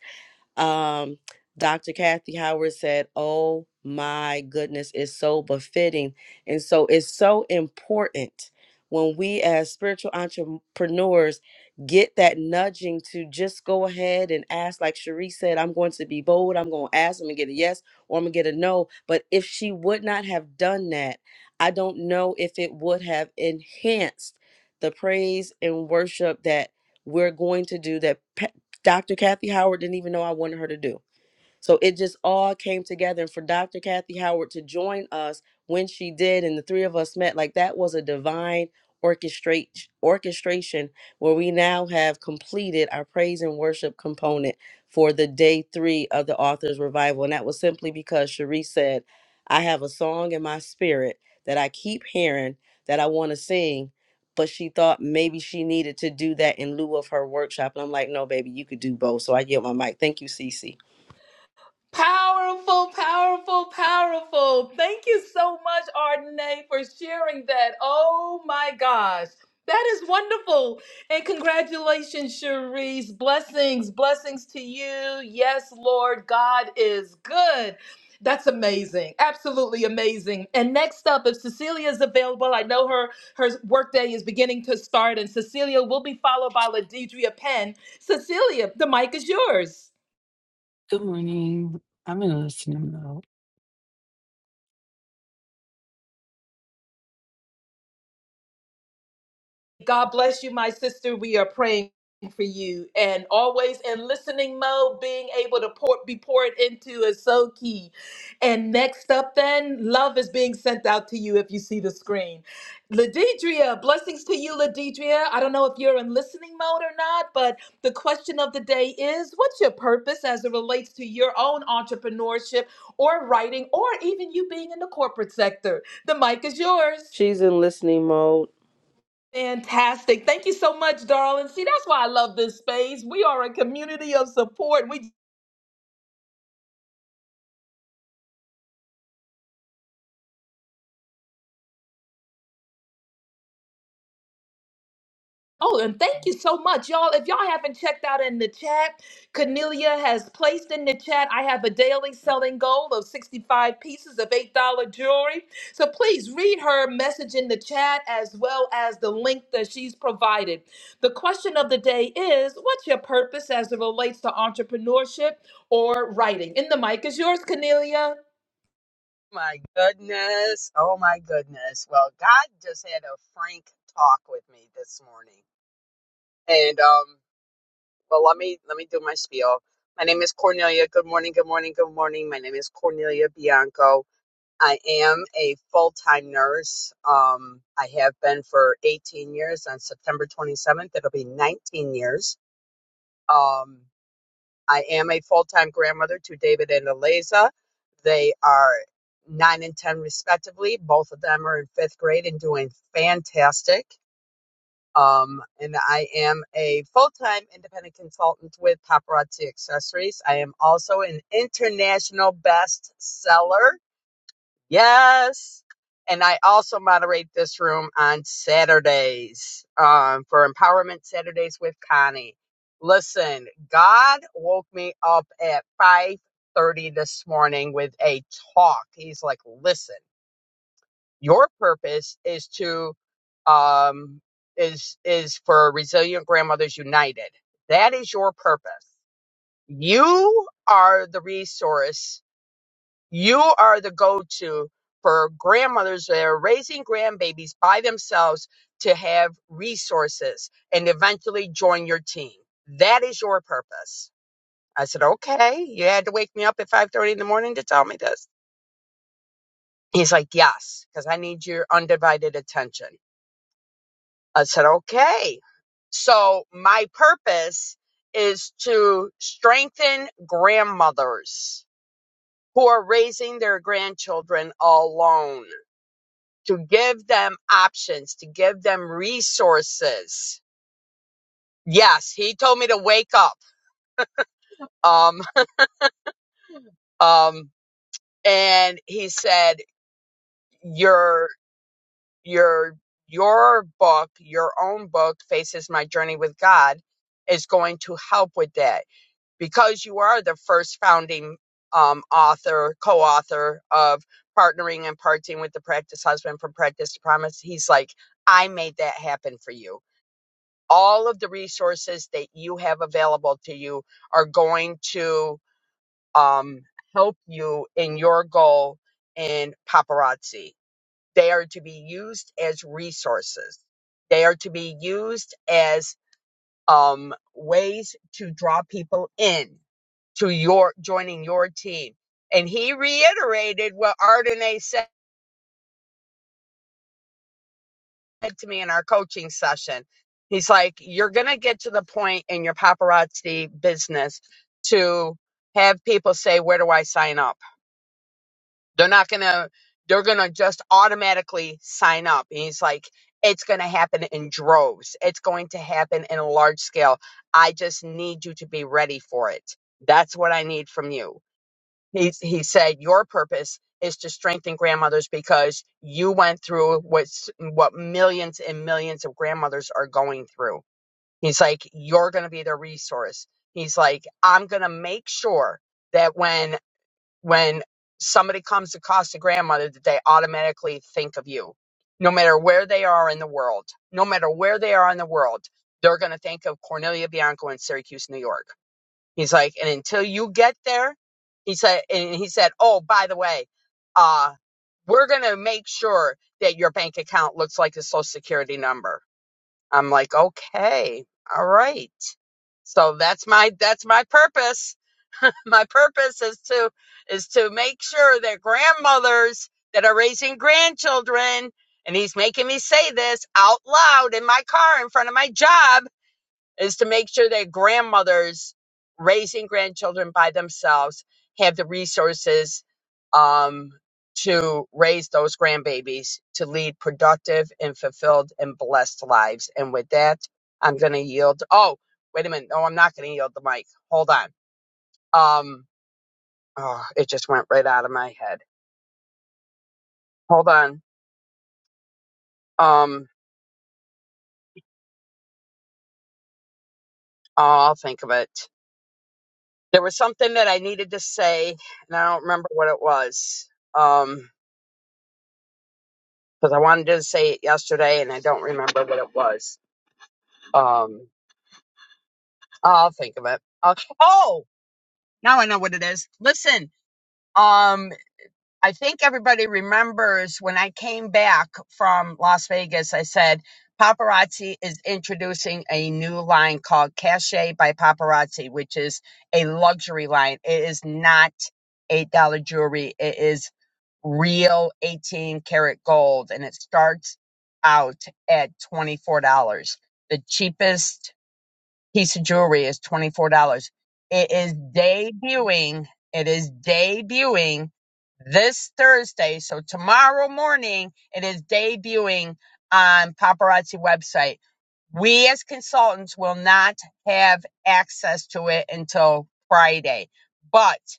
[SPEAKER 3] um, Dr. Kathy Howard said, Oh my goodness, it's so befitting. And so it's so important when we as spiritual entrepreneurs get that nudging to just go ahead and ask, like Cherie said, I'm going to be bold, I'm going to ask, I'm going to get a yes or I'm going to get a no. But if she would not have done that, I don't know if it would have enhanced the praise and worship that we're going to do that Dr. Kathy Howard didn't even know I wanted her to do. So it just all came together. And for Dr. Kathy Howard to join us when she did, and the three of us met, like that was a divine orchestrate orchestration where we now have completed our praise and worship component for the day three of the author's revival. And that was simply because Cherie said, I have a song in my spirit that I keep hearing that I want to sing. But she thought maybe she needed to do that in lieu of her workshop. And I'm like, no, baby, you could do both. So I yield my mic. Thank you, Cece.
[SPEAKER 1] Powerful, powerful, powerful. Thank you so much, Ardenae, for sharing that. Oh my gosh. That is wonderful. And congratulations, Cherise. Blessings, blessings to you. Yes, Lord, God is good. That's amazing. Absolutely amazing. And next up, if Cecilia is available, I know her her workday is beginning to start, and Cecilia will be followed by Ladidria Penn. Cecilia, the mic is yours.
[SPEAKER 6] Good morning. I'm in a listening mode.
[SPEAKER 1] God bless you, my sister. We are praying for you and always in listening mode being able to pour, be poured into is so key and next up then love is being sent out to you if you see the screen ladidria blessings to you ladidria i don't know if you're in listening mode or not but the question of the day is what's your purpose as it relates to your own entrepreneurship or writing or even you being in the corporate sector the mic is yours
[SPEAKER 3] She's in listening mode.
[SPEAKER 1] Fantastic. Thank you so much, darling. See, that's why I love this space. We are a community of support. We Oh, and thank you so much, y'all. If y'all haven't checked out in the chat, Cornelia has placed in the chat, I have a daily selling goal of 65 pieces of $8 jewelry. So please read her message in the chat as well as the link that she's provided. The question of the day is what's your purpose as it relates to entrepreneurship or writing? And the mic is yours, Cornelia.
[SPEAKER 7] My goodness. Oh my goodness. Well, God just had a frank talk with me this morning. And um well let me let me do my spiel. My name is Cornelia. Good morning, good morning, good morning. My name is Cornelia Bianco. I am a full-time nurse. Um I have been for 18 years. On September 27th, it'll be 19 years. Um I am a full time grandmother to David and Eliza. They are nine and 10, respectively. Both of them are in fifth grade and doing fantastic. Um, and I am a full time independent consultant with Paparazzi Accessories. I am also an international bestseller Yes. And I also moderate this room on Saturdays um, for Empowerment Saturdays with Connie. Listen, God woke me up at 5:30 this morning with a talk. He's like, "Listen, your purpose is to um, is is for Resilient Grandmothers United. That is your purpose. You are the resource you are the go to for grandmothers that are raising grandbabies by themselves to have resources and eventually join your team. That is your purpose. I said, okay, you had to wake me up at 5.30 in the morning to tell me this. He's like, yes, because I need your undivided attention. I said, okay. So my purpose is to strengthen grandmothers who are raising their grandchildren alone to give them options, to give them resources. Yes, he told me to wake up. Um, um, and he said, your, your, your book, your own book, Faces My Journey with God is going to help with that because you are the first founding, um, author, co-author of partnering and parting with the practice husband from practice to promise. He's like, I made that happen for you all of the resources that you have available to you are going to um, help you in your goal in paparazzi. They are to be used as resources. They are to be used as um, ways to draw people in to your joining your team. And he reiterated what Ardenae said. said to me in our coaching session. He's like, you're going to get to the point in your paparazzi business to have people say, where do I sign up? They're not going to, they're going to just automatically sign up. And he's like, it's going to happen in droves. It's going to happen in a large scale. I just need you to be ready for it. That's what I need from you he, he said, Your purpose is to strengthen grandmothers because you went through what's, what millions and millions of grandmothers are going through. He's like, You're going to be their resource. He's like, I'm going to make sure that when, when somebody comes across a grandmother, that they automatically think of you. No matter where they are in the world, no matter where they are in the world, they're going to think of Cornelia Bianco in Syracuse, New York He's like, and until you get there, he said, and he said, oh, by the way, uh, we're going to make sure that your bank account looks like a social security number. I'm like, okay, all right. So that's my, that's my purpose. My purpose is to, is to make sure that grandmothers that are raising grandchildren, and he's making me say this out loud in my car in front of my job is to make sure that grandmothers raising grandchildren by themselves have the resources um, to raise those grandbabies to lead productive and fulfilled and blessed lives. And with that, I'm going to yield. Oh, wait a minute. No, I'm not going to yield the mic. Hold on. Um, oh, it just went right out of my head. Hold on. Um, oh, I'll think of it. There was something that I needed to say, and I don't remember what it was. Um, because I wanted to say it yesterday and I don't remember what it was. Um, I'll think of it. I'll, oh, now I know what it is. Listen, um, I think everybody remembers when I came back from Las Vegas, I said paparazzi is introducing a new line called Cache by Paparazzi, which is a luxury line. It is not $8 jewelry. It is real 18 karat gold and it starts out at $24. The cheapest piece of jewelry is $24. It is debuting. It is debuting this Thursday. So tomorrow morning, it is debuting on paparazzi website. We as consultants will not have access to it until Friday, but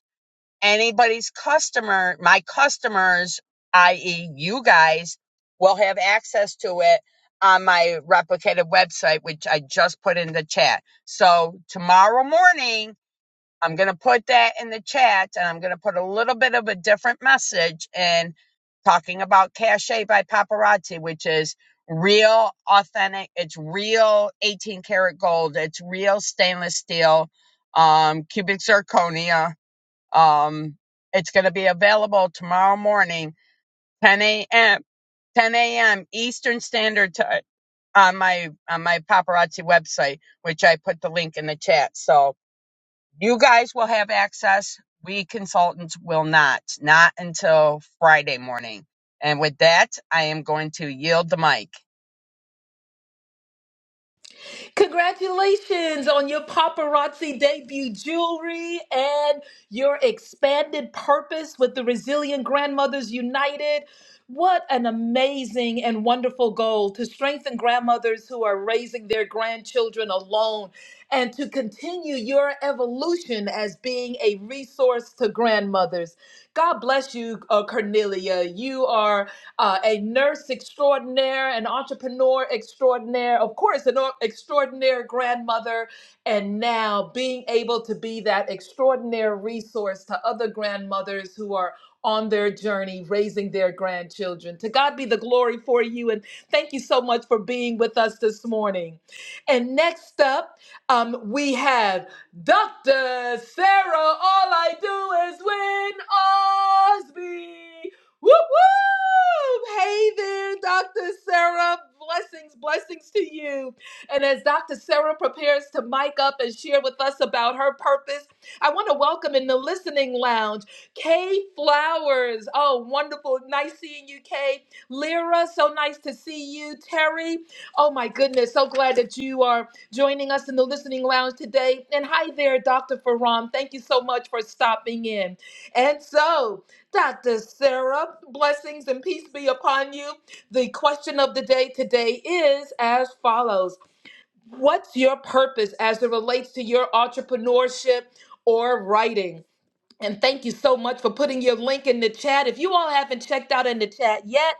[SPEAKER 7] anybody's customer, my customers, i.e., you guys, will have access to it on my replicated website, which I just put in the chat. So tomorrow morning, I'm going to put that in the chat and I'm going to put a little bit of a different message in talking about cachet by Paparazzi, which is real, authentic, it's real 18 karat gold, it's real stainless steel, um, cubic zirconia um, it's going to be available tomorrow morning, 10 a.m. 10 a.m. Eastern Standard Time on my on my paparazzi website, which I put the link in the chat. So you guys will have access. We consultants will not, not until Friday morning. And with that, I am going to yield the mic.
[SPEAKER 1] Congratulations on your paparazzi debut jewelry and your expanded purpose with the Resilient Grandmothers United. What an amazing and wonderful goal to strengthen grandmothers who are raising their grandchildren alone and to continue your evolution as being a resource to grandmothers. God bless you, uh, Cornelia. You are uh, a nurse extraordinaire, an entrepreneur extraordinaire, of course, an o- extraordinary grandmother, and now being able to be that extraordinary resource to other grandmothers who are on their journey raising their grandchildren. To God be the glory for you, and thank you so much for being with us this morning. And next up, um, we have Dr. Sarah, all I do is win Osby. Whoop whoop! Hey there, Dr. Sarah. Blessings, blessings to you. And as Dr. Sarah prepares to mic up and share with us about her purpose, I want to welcome in the listening lounge Kay Flowers. Oh, wonderful. Nice seeing you, Kay. Lyra, so nice to see you. Terry, oh my goodness. So glad that you are joining us in the listening lounge today. And hi there, Dr. Faram. Thank you so much for stopping in. And so, Dr. Sarah, blessings and peace be upon you. The question of the day today is as follows What's your purpose as it relates to your entrepreneurship or writing? And thank you so much for putting your link in the chat. If you all haven't checked out in the chat yet,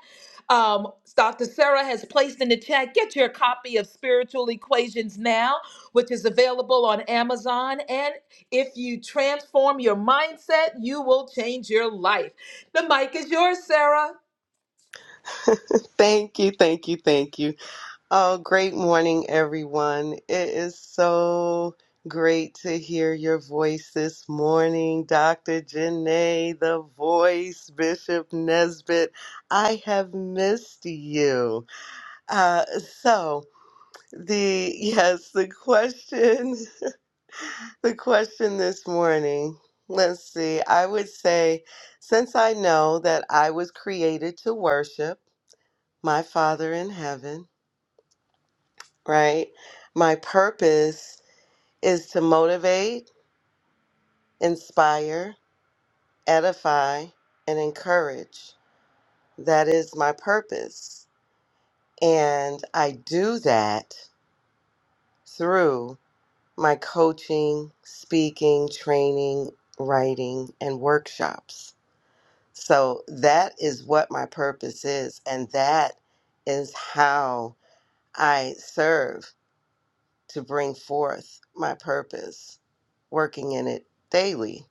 [SPEAKER 1] um, Dr. Sarah has placed in the chat, get your copy of Spiritual Equations Now, which is available on Amazon. And if you transform your mindset, you will change your life. The mic is yours, Sarah.
[SPEAKER 8] Thank you, thank you, thank you. Oh, great morning, everyone. It is so great to hear your voice this morning, Dr. Janae, the voice, Bishop Nesbitt. I have missed you. Uh, so, the yes, the question, the question this morning. Let's see. I would say, since I know that I was created to worship my Father in heaven. right? My purpose is to motivate, inspire, edify, and encourage. That is my purpose. And I do that through my coaching, speaking, training, writing, and workshops. So that is what my purpose is. And that is how I serve to bring forth my purpose, working in it daily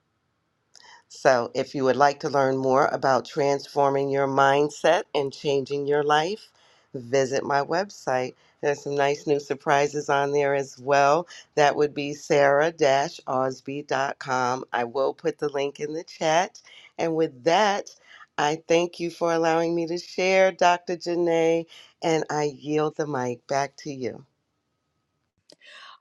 [SPEAKER 8] So, if you would like to learn more about transforming your mindset and changing your life, visit my website. There's some nice new surprises on there as well. That would be sarah osby.com. I will put the link in the chat. And with that, I thank you for allowing me to share, Dr. Janae, and I yield the mic back to you.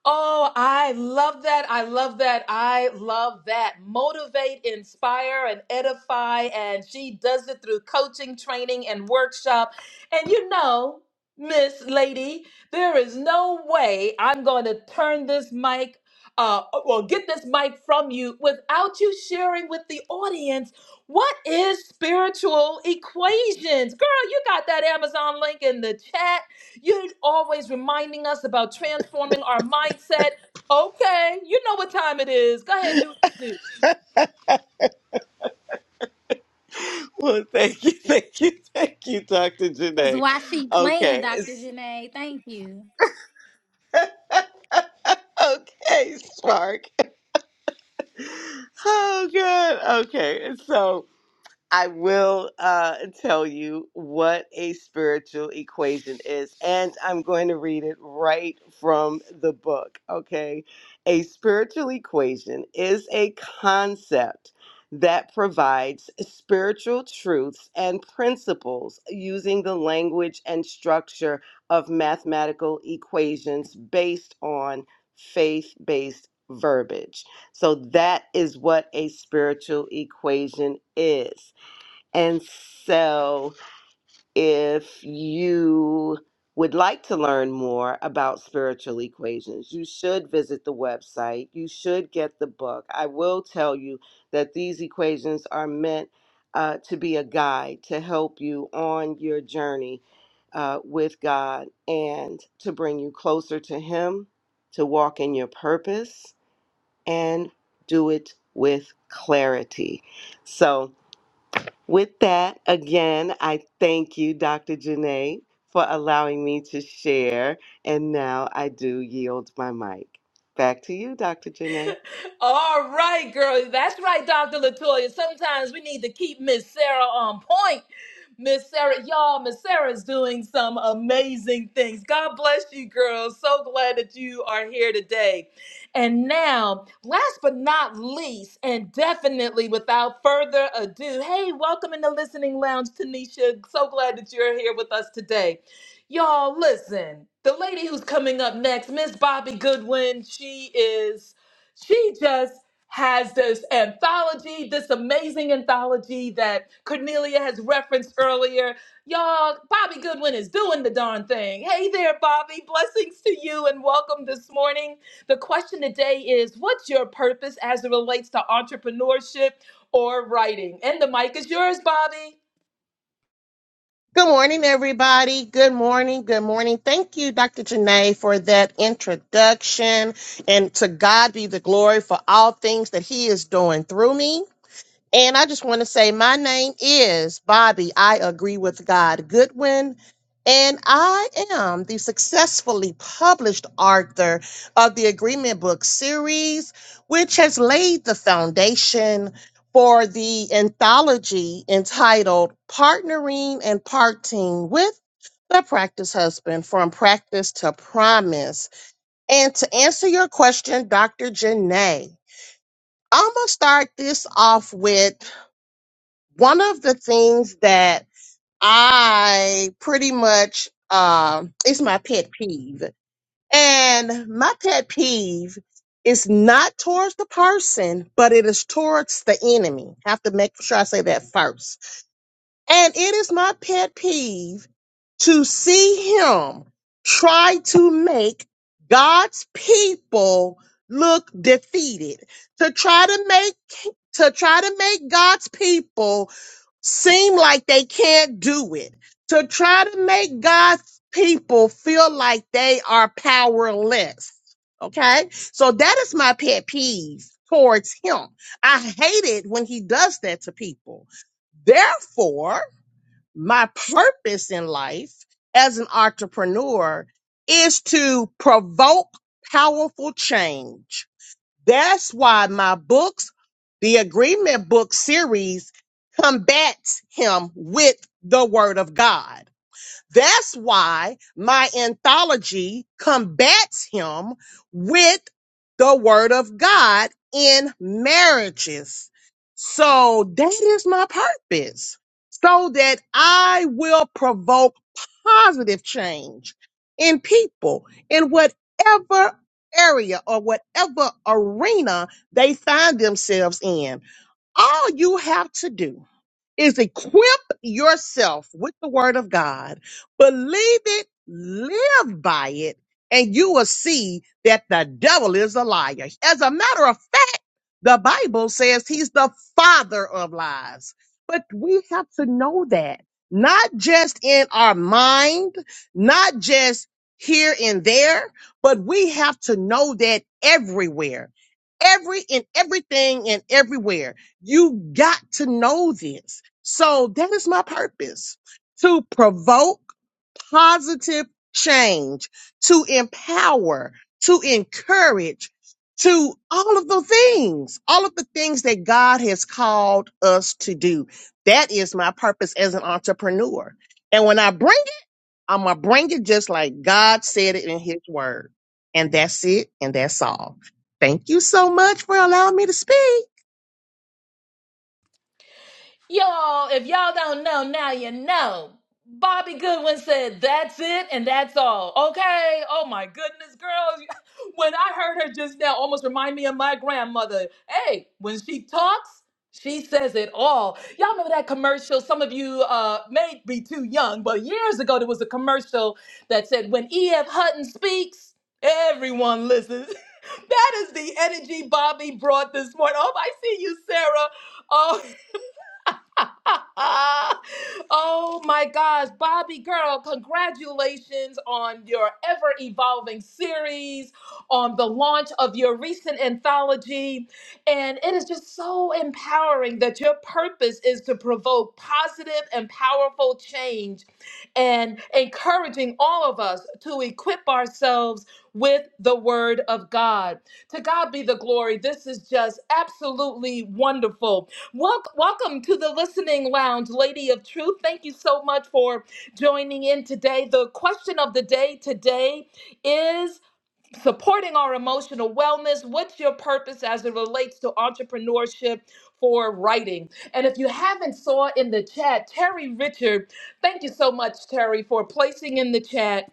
[SPEAKER 1] Oh, I love that. I love that. I love that. Motivate, inspire, and edify. And she does it through coaching, training, and workshop. And you know, Miss Lady, there is no way I'm going to turn this mic. Uh, well, get this mic from you without you sharing with the audience what is spiritual equations. Girl, you got that Amazon link in the chat you're always reminding us about transforming our mindset. Okay, you know what time it is. Go ahead, do what you do.
[SPEAKER 8] Well, thank you, thank you, thank you, Dr.
[SPEAKER 2] Because
[SPEAKER 8] Janae.
[SPEAKER 2] why she playing,
[SPEAKER 8] Okay,
[SPEAKER 2] Dr. Janae? Thank you.
[SPEAKER 8] okay, Spark. Oh, good. Okay, so. I will uh, tell you what a spiritual equation is, and I'm going to read it right from the book. Okay. A spiritual equation is a concept that provides spiritual truths and principles using the language and structure of mathematical equations based on faith based verbiage. So, that is what a spiritual equation is. And so, if you would like to learn more about spiritual equations, you should visit the website. You should get the book. I will tell you that these equations are meant uh, to be a guide to help you on your journey uh, with God and to bring you closer to Him, to walk in your purpose, and do it with clarity. So, with that, again, I thank you, Dr. Janae, for allowing me to share. And now I do yield my mic. Back to you, Dr. Janae.
[SPEAKER 1] All right, girl. That's right, Dr. Latoya. Sometimes we need to keep Miss Sarah on point. Miss Sarah, y'all, Miss Sarah's doing some amazing things. God bless you, girls. So glad that you are here today. And now, last but not least, and definitely without further ado, hey, welcome in the listening lounge, Tanisha. So glad that you're here with us today. Y'all, listen, the lady who's coming up next, Miss Bobby Goodwin, she is she just has this anthology, this amazing anthology that Cornelia has referenced earlier. Y'all, Bobby Goodwin is doing the darn thing. Hey there, Bobby. Blessings to you and welcome this morning. The question today is what's your purpose as it relates to entrepreneurship or writing? And the mic is yours, Bobby.
[SPEAKER 9] Good morning, everybody. Good morning. Good morning. Thank you, Dr. Janae, for that introduction. And to God be the glory for all things that He is doing through me. And I just want to say my name is Bobby. I agree with God Goodwin. And I am the successfully published author of the Agreement Book series, which has laid the foundation for the anthology entitled Partnering and Parting with the Practice Husband From Practice to Promise. And to answer your question, Dr. Janae, I'm going to start this off with one of the things that I pretty much um is my pet peeve. And my pet peeve is not towards the person, but it is towards the enemy. Have to make sure I say that first and it is my pet peeve to see him try to make God's people look defeated, to try to make to try to make God's people seem like they can't do it, to try to make God's people feel like they are powerless. Okay? So that is my pet peeve towards him. I hate it when he does that to people. Therefore, my purpose in life as an entrepreneur is to provoke powerful change. That's why my books, the Agreement Book series, combats him with the Word of God. That's why my anthology combats him with the word of God in marriages. So that is my purpose, so that I will provoke positive change in people in whatever area or whatever arena they find themselves in. All you have to do is equip yourself with the word of God, believe it, live by it, and you will see that the devil is a liar. As a matter of the Bible says he's the father of lies. But we have to know that, not just in our mind, not just here and there, but we have to know that everywhere, every in everything and everywhere. You got to know this. So that is my purpose to provoke positive change, to empower, to encourage to all of the things, all of the things that God has called us to do. That is my purpose as an entrepreneur. And when I bring it, I'm going to bring it just like God said it in his word. And that's it. And that's all. Thank you so much for allowing me to speak.
[SPEAKER 1] Y'all, if y'all don't know, now you know. Bobby Goodwin said, That's it and that's all. Okay. Oh my goodness, girls. When I heard her just now, almost remind me of my grandmother. Hey, when she talks, she says it all. Y'all remember that commercial? Some of you uh, may be too young, but years ago there was a commercial that said, When E.F. Hutton speaks, everyone listens. that is the energy Bobby brought this morning. Oh, I see you, Sarah. Oh. oh my gosh, Bobby girl, congratulations on your ever evolving series, on the launch of your recent anthology. And it is just so empowering that your purpose is to provoke positive and powerful change and encouraging all of us to equip ourselves with the word of God. To God be the glory. This is just absolutely wonderful. Welcome, welcome to the listening lounge, Lady of Truth. Thank you so much for joining in today. The question of the day today is supporting our emotional wellness. What's your purpose as it relates to entrepreneurship for writing? And if you haven't saw in the chat, Terry Richard, thank you so much, Terry, for placing in the chat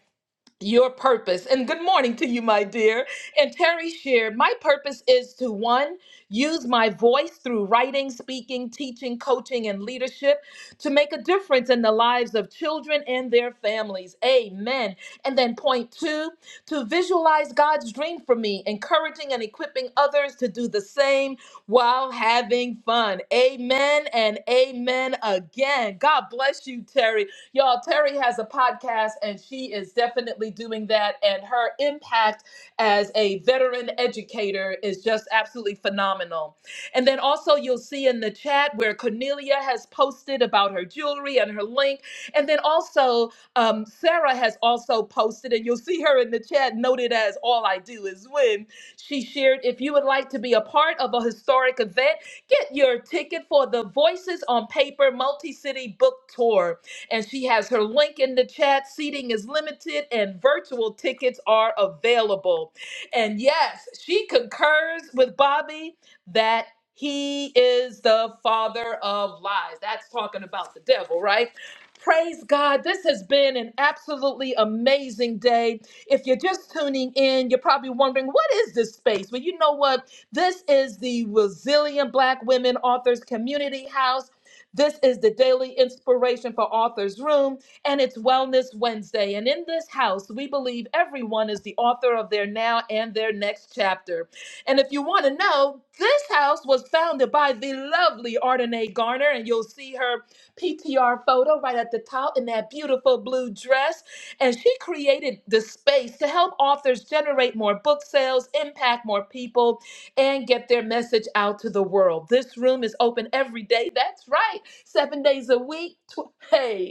[SPEAKER 1] your purpose. And good morning to you, my dear. And Terry shared, my purpose is to one, use my voice through writing, speaking, teaching, coaching, and leadership to make a difference in the lives of children and their families. Amen. And then point two, to visualize God's dream for me, encouraging and equipping others to do the same while having fun. Amen and amen again. God bless you, Terry. Y'all, Terry has a podcast and she is definitely doing that. And her impact as a veteran educator is just absolutely phenomenal. And then also, you'll see in the chat where Cornelia has posted about her jewelry and her link. And then also, um, Sarah has also posted, and you'll see her in the chat noted as All I Do Is Win. She shared, If you would like to be a part of a historic event, get your ticket for the Voices on Paper Multi City Book Tour and she has her link in the chat. Seating is limited and virtual tickets are available. And yes, she concurs with Bobby that he is the father of lies. That's talking about the devil, right? Praise God. This has been an absolutely amazing day. If you're just tuning in, you're probably wondering, what is this space? Well, you know what? This is the Resilient Black Women Authors Community House. This is the daily inspiration for Author's Room, and it's Wellness Wednesday. And in this house, we believe everyone is the author of their now and their next chapter. And if you want to know, this house was founded by the lovely Ardenae Garner, and you'll see her PTR photo right at the top in that beautiful blue dress. And she created the space to help authors generate more book sales, impact more people, and get their message out to the world. This room is open every day. That's right seven days a week. Tw- hey,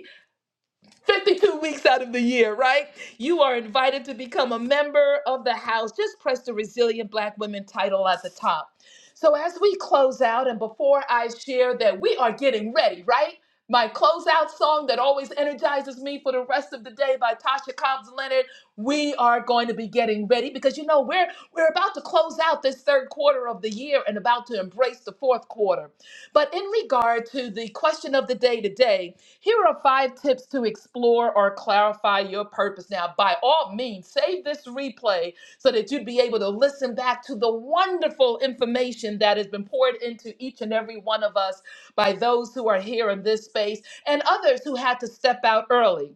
[SPEAKER 1] 52 weeks out of the year, right? You are invited to become a member of the house. Just press the Resilient Black Women title at the top. So, as we close out, and before I share that we are getting ready, right? My closeout song that always energizes me for the rest of the day by Tasha Cobbs Leonard. We are going to be getting ready because you know we're we're about to close out this third quarter of the year and about to embrace the fourth quarter. But in regard to the question of the day today, here are five tips to explore or clarify your purpose. Now, by all means, save this replay so that you'd be able to listen back to the wonderful information that has been poured into each and every one of us by those who are here in this space and others who had to step out early.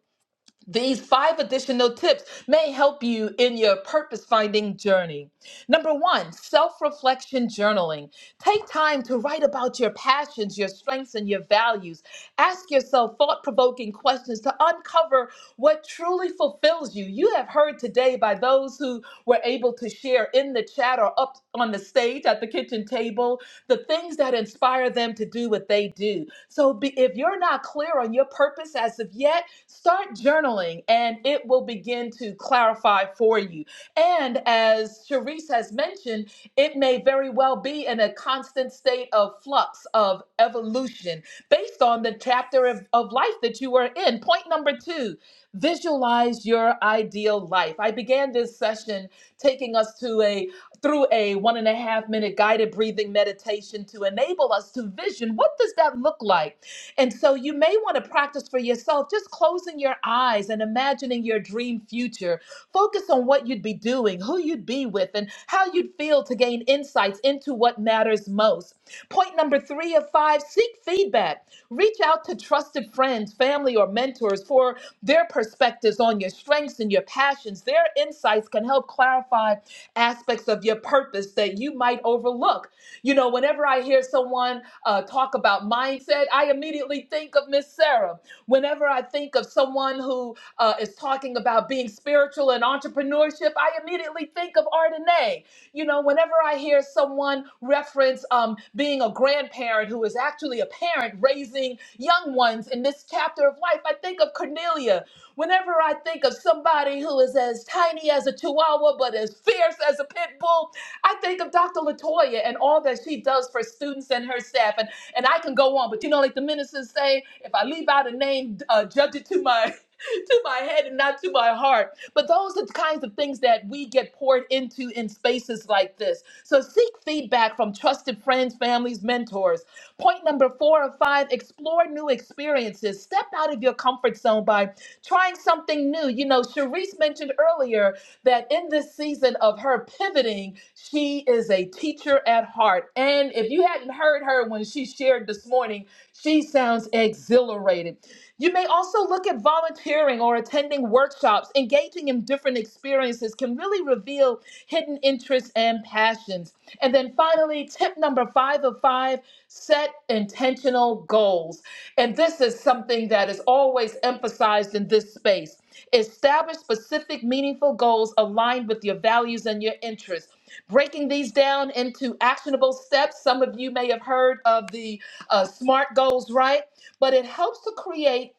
[SPEAKER 1] These five additional tips may help you in your purpose finding journey. Number one, self reflection journaling. Take time to write about your passions, your strengths, and your values. Ask yourself thought provoking questions to uncover what truly fulfills you. You have heard today by those who were able to share in the chat or up on the stage at the kitchen table the things that inspire them to do what they do. So be, if you're not clear on your purpose as of yet, Start journaling and it will begin to clarify for you. And as Sharice has mentioned, it may very well be in a constant state of flux of evolution based on the chapter of, of life that you are in. Point number two visualize your ideal life. I began this session taking us to a through a one and a half minute guided breathing meditation to enable us to vision what does that look like and so you may want to practice for yourself just closing your eyes and imagining your dream future. Focus on what you'd be doing, who you'd be with, and how you'd feel to gain insights into what matters most. Point number three of five seek feedback. Reach out to trusted friends, family, or mentors for their perspectives on your strengths and your passions. Their insights can help clarify aspects of your purpose that you might overlook. You know, whenever I hear someone uh, talk about mindset, I immediately think of Miss Sarah. Whenever I think of someone who uh, is talking about being spiritual and entrepreneurship, I immediately think of Ardenae. You know, whenever I hear someone reference um, being a grandparent who is actually a parent raising young ones in this chapter of life, I think of Cornelia. Whenever I think of somebody who is as tiny as a chihuahua but as fierce as a pit bull, I think of Dr. Latoya and all that she does for students and her staff, and and I can go on. But you know, like the ministers say, if I leave out a name, uh, judge it to my to my head and not to my heart. But those are the kinds of things that we get poured into in spaces like this. So seek feedback from trusted friends, families, mentors. Point number four of five explore new experiences. Step out of your comfort zone by trying something new. You know, Cherise mentioned earlier that in this season of her pivoting, she is a teacher at heart. And if you hadn't heard her when she shared this morning, she sounds exhilarated. You may also look at volunteering or attending workshops. Engaging in different experiences can really reveal hidden interests and passions. And then finally, tip number five of five set intentional goals. And this is something that is always emphasized in this space. Establish specific, meaningful goals aligned with your values and your interests. Breaking these down into actionable steps. Some of you may have heard of the uh, SMART goals, right? But it helps to create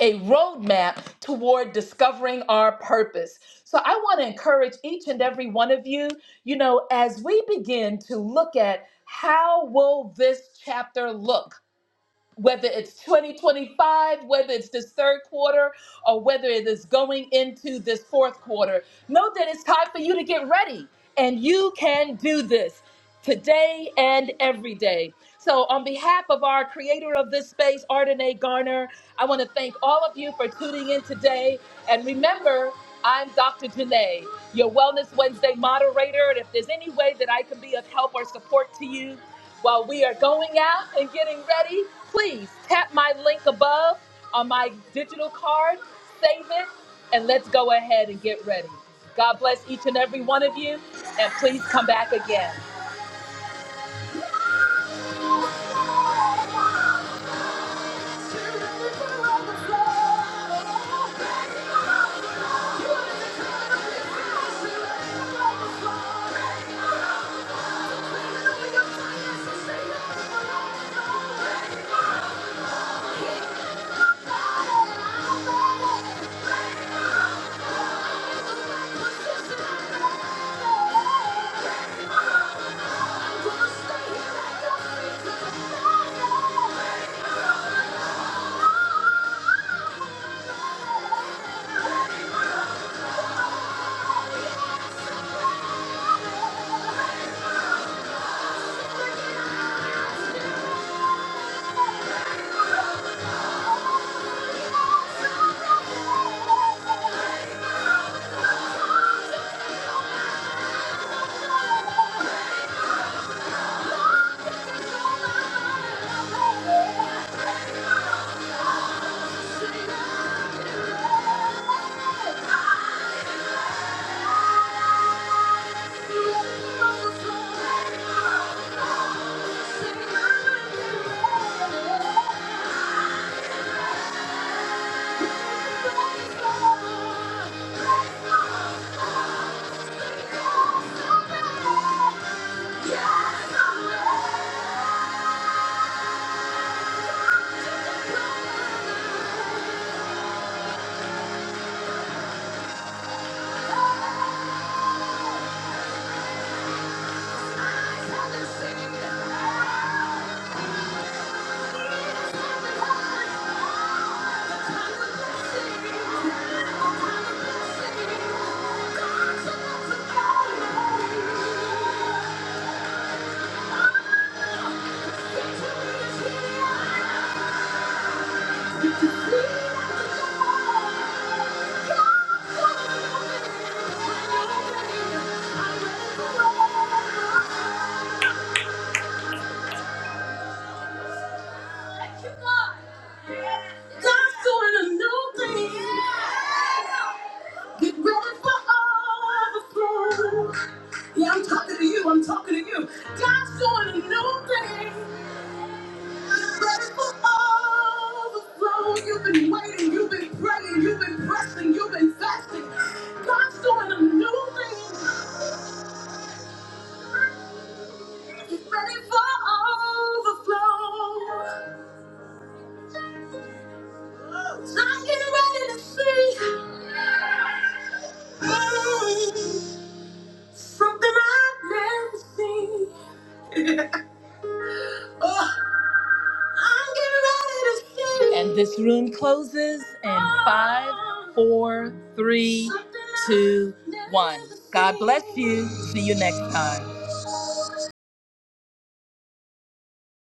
[SPEAKER 1] a roadmap toward discovering our purpose. So I want to encourage each and every one of you, you know, as we begin to look at how will this chapter look? whether it's 2025, whether it's this third quarter, or whether it is going into this fourth quarter. Know that it's time for you to get ready, and you can do this today and every day. So, on behalf of our creator of this space, Ardenae Garner, I want to thank all of you for tuning in today. And remember, I'm Dr. Janae your Wellness Wednesday moderator. And if there's any way that I can be of help or support to you while we are going out and getting ready, please tap my link above on my digital card, save it, and let's go ahead and get ready. God bless each and every one of you, and please come back again. Thank you. Yes, I'm ready to sing. it. Thank you. God's doing a new thing. For overflow. Yeah, I'm talking to you. I'm talking to you. God's doing a new thing. Ready for overflow. You've been waiting. You've been praying. You've been pressing. You've been fasting. God's doing a new thing. Ready for overflow. I'm getting ready to see mm, something I've never seen. I'm getting ready to see. And this room closes in five, four, three, two, one. God bless you. See you next time.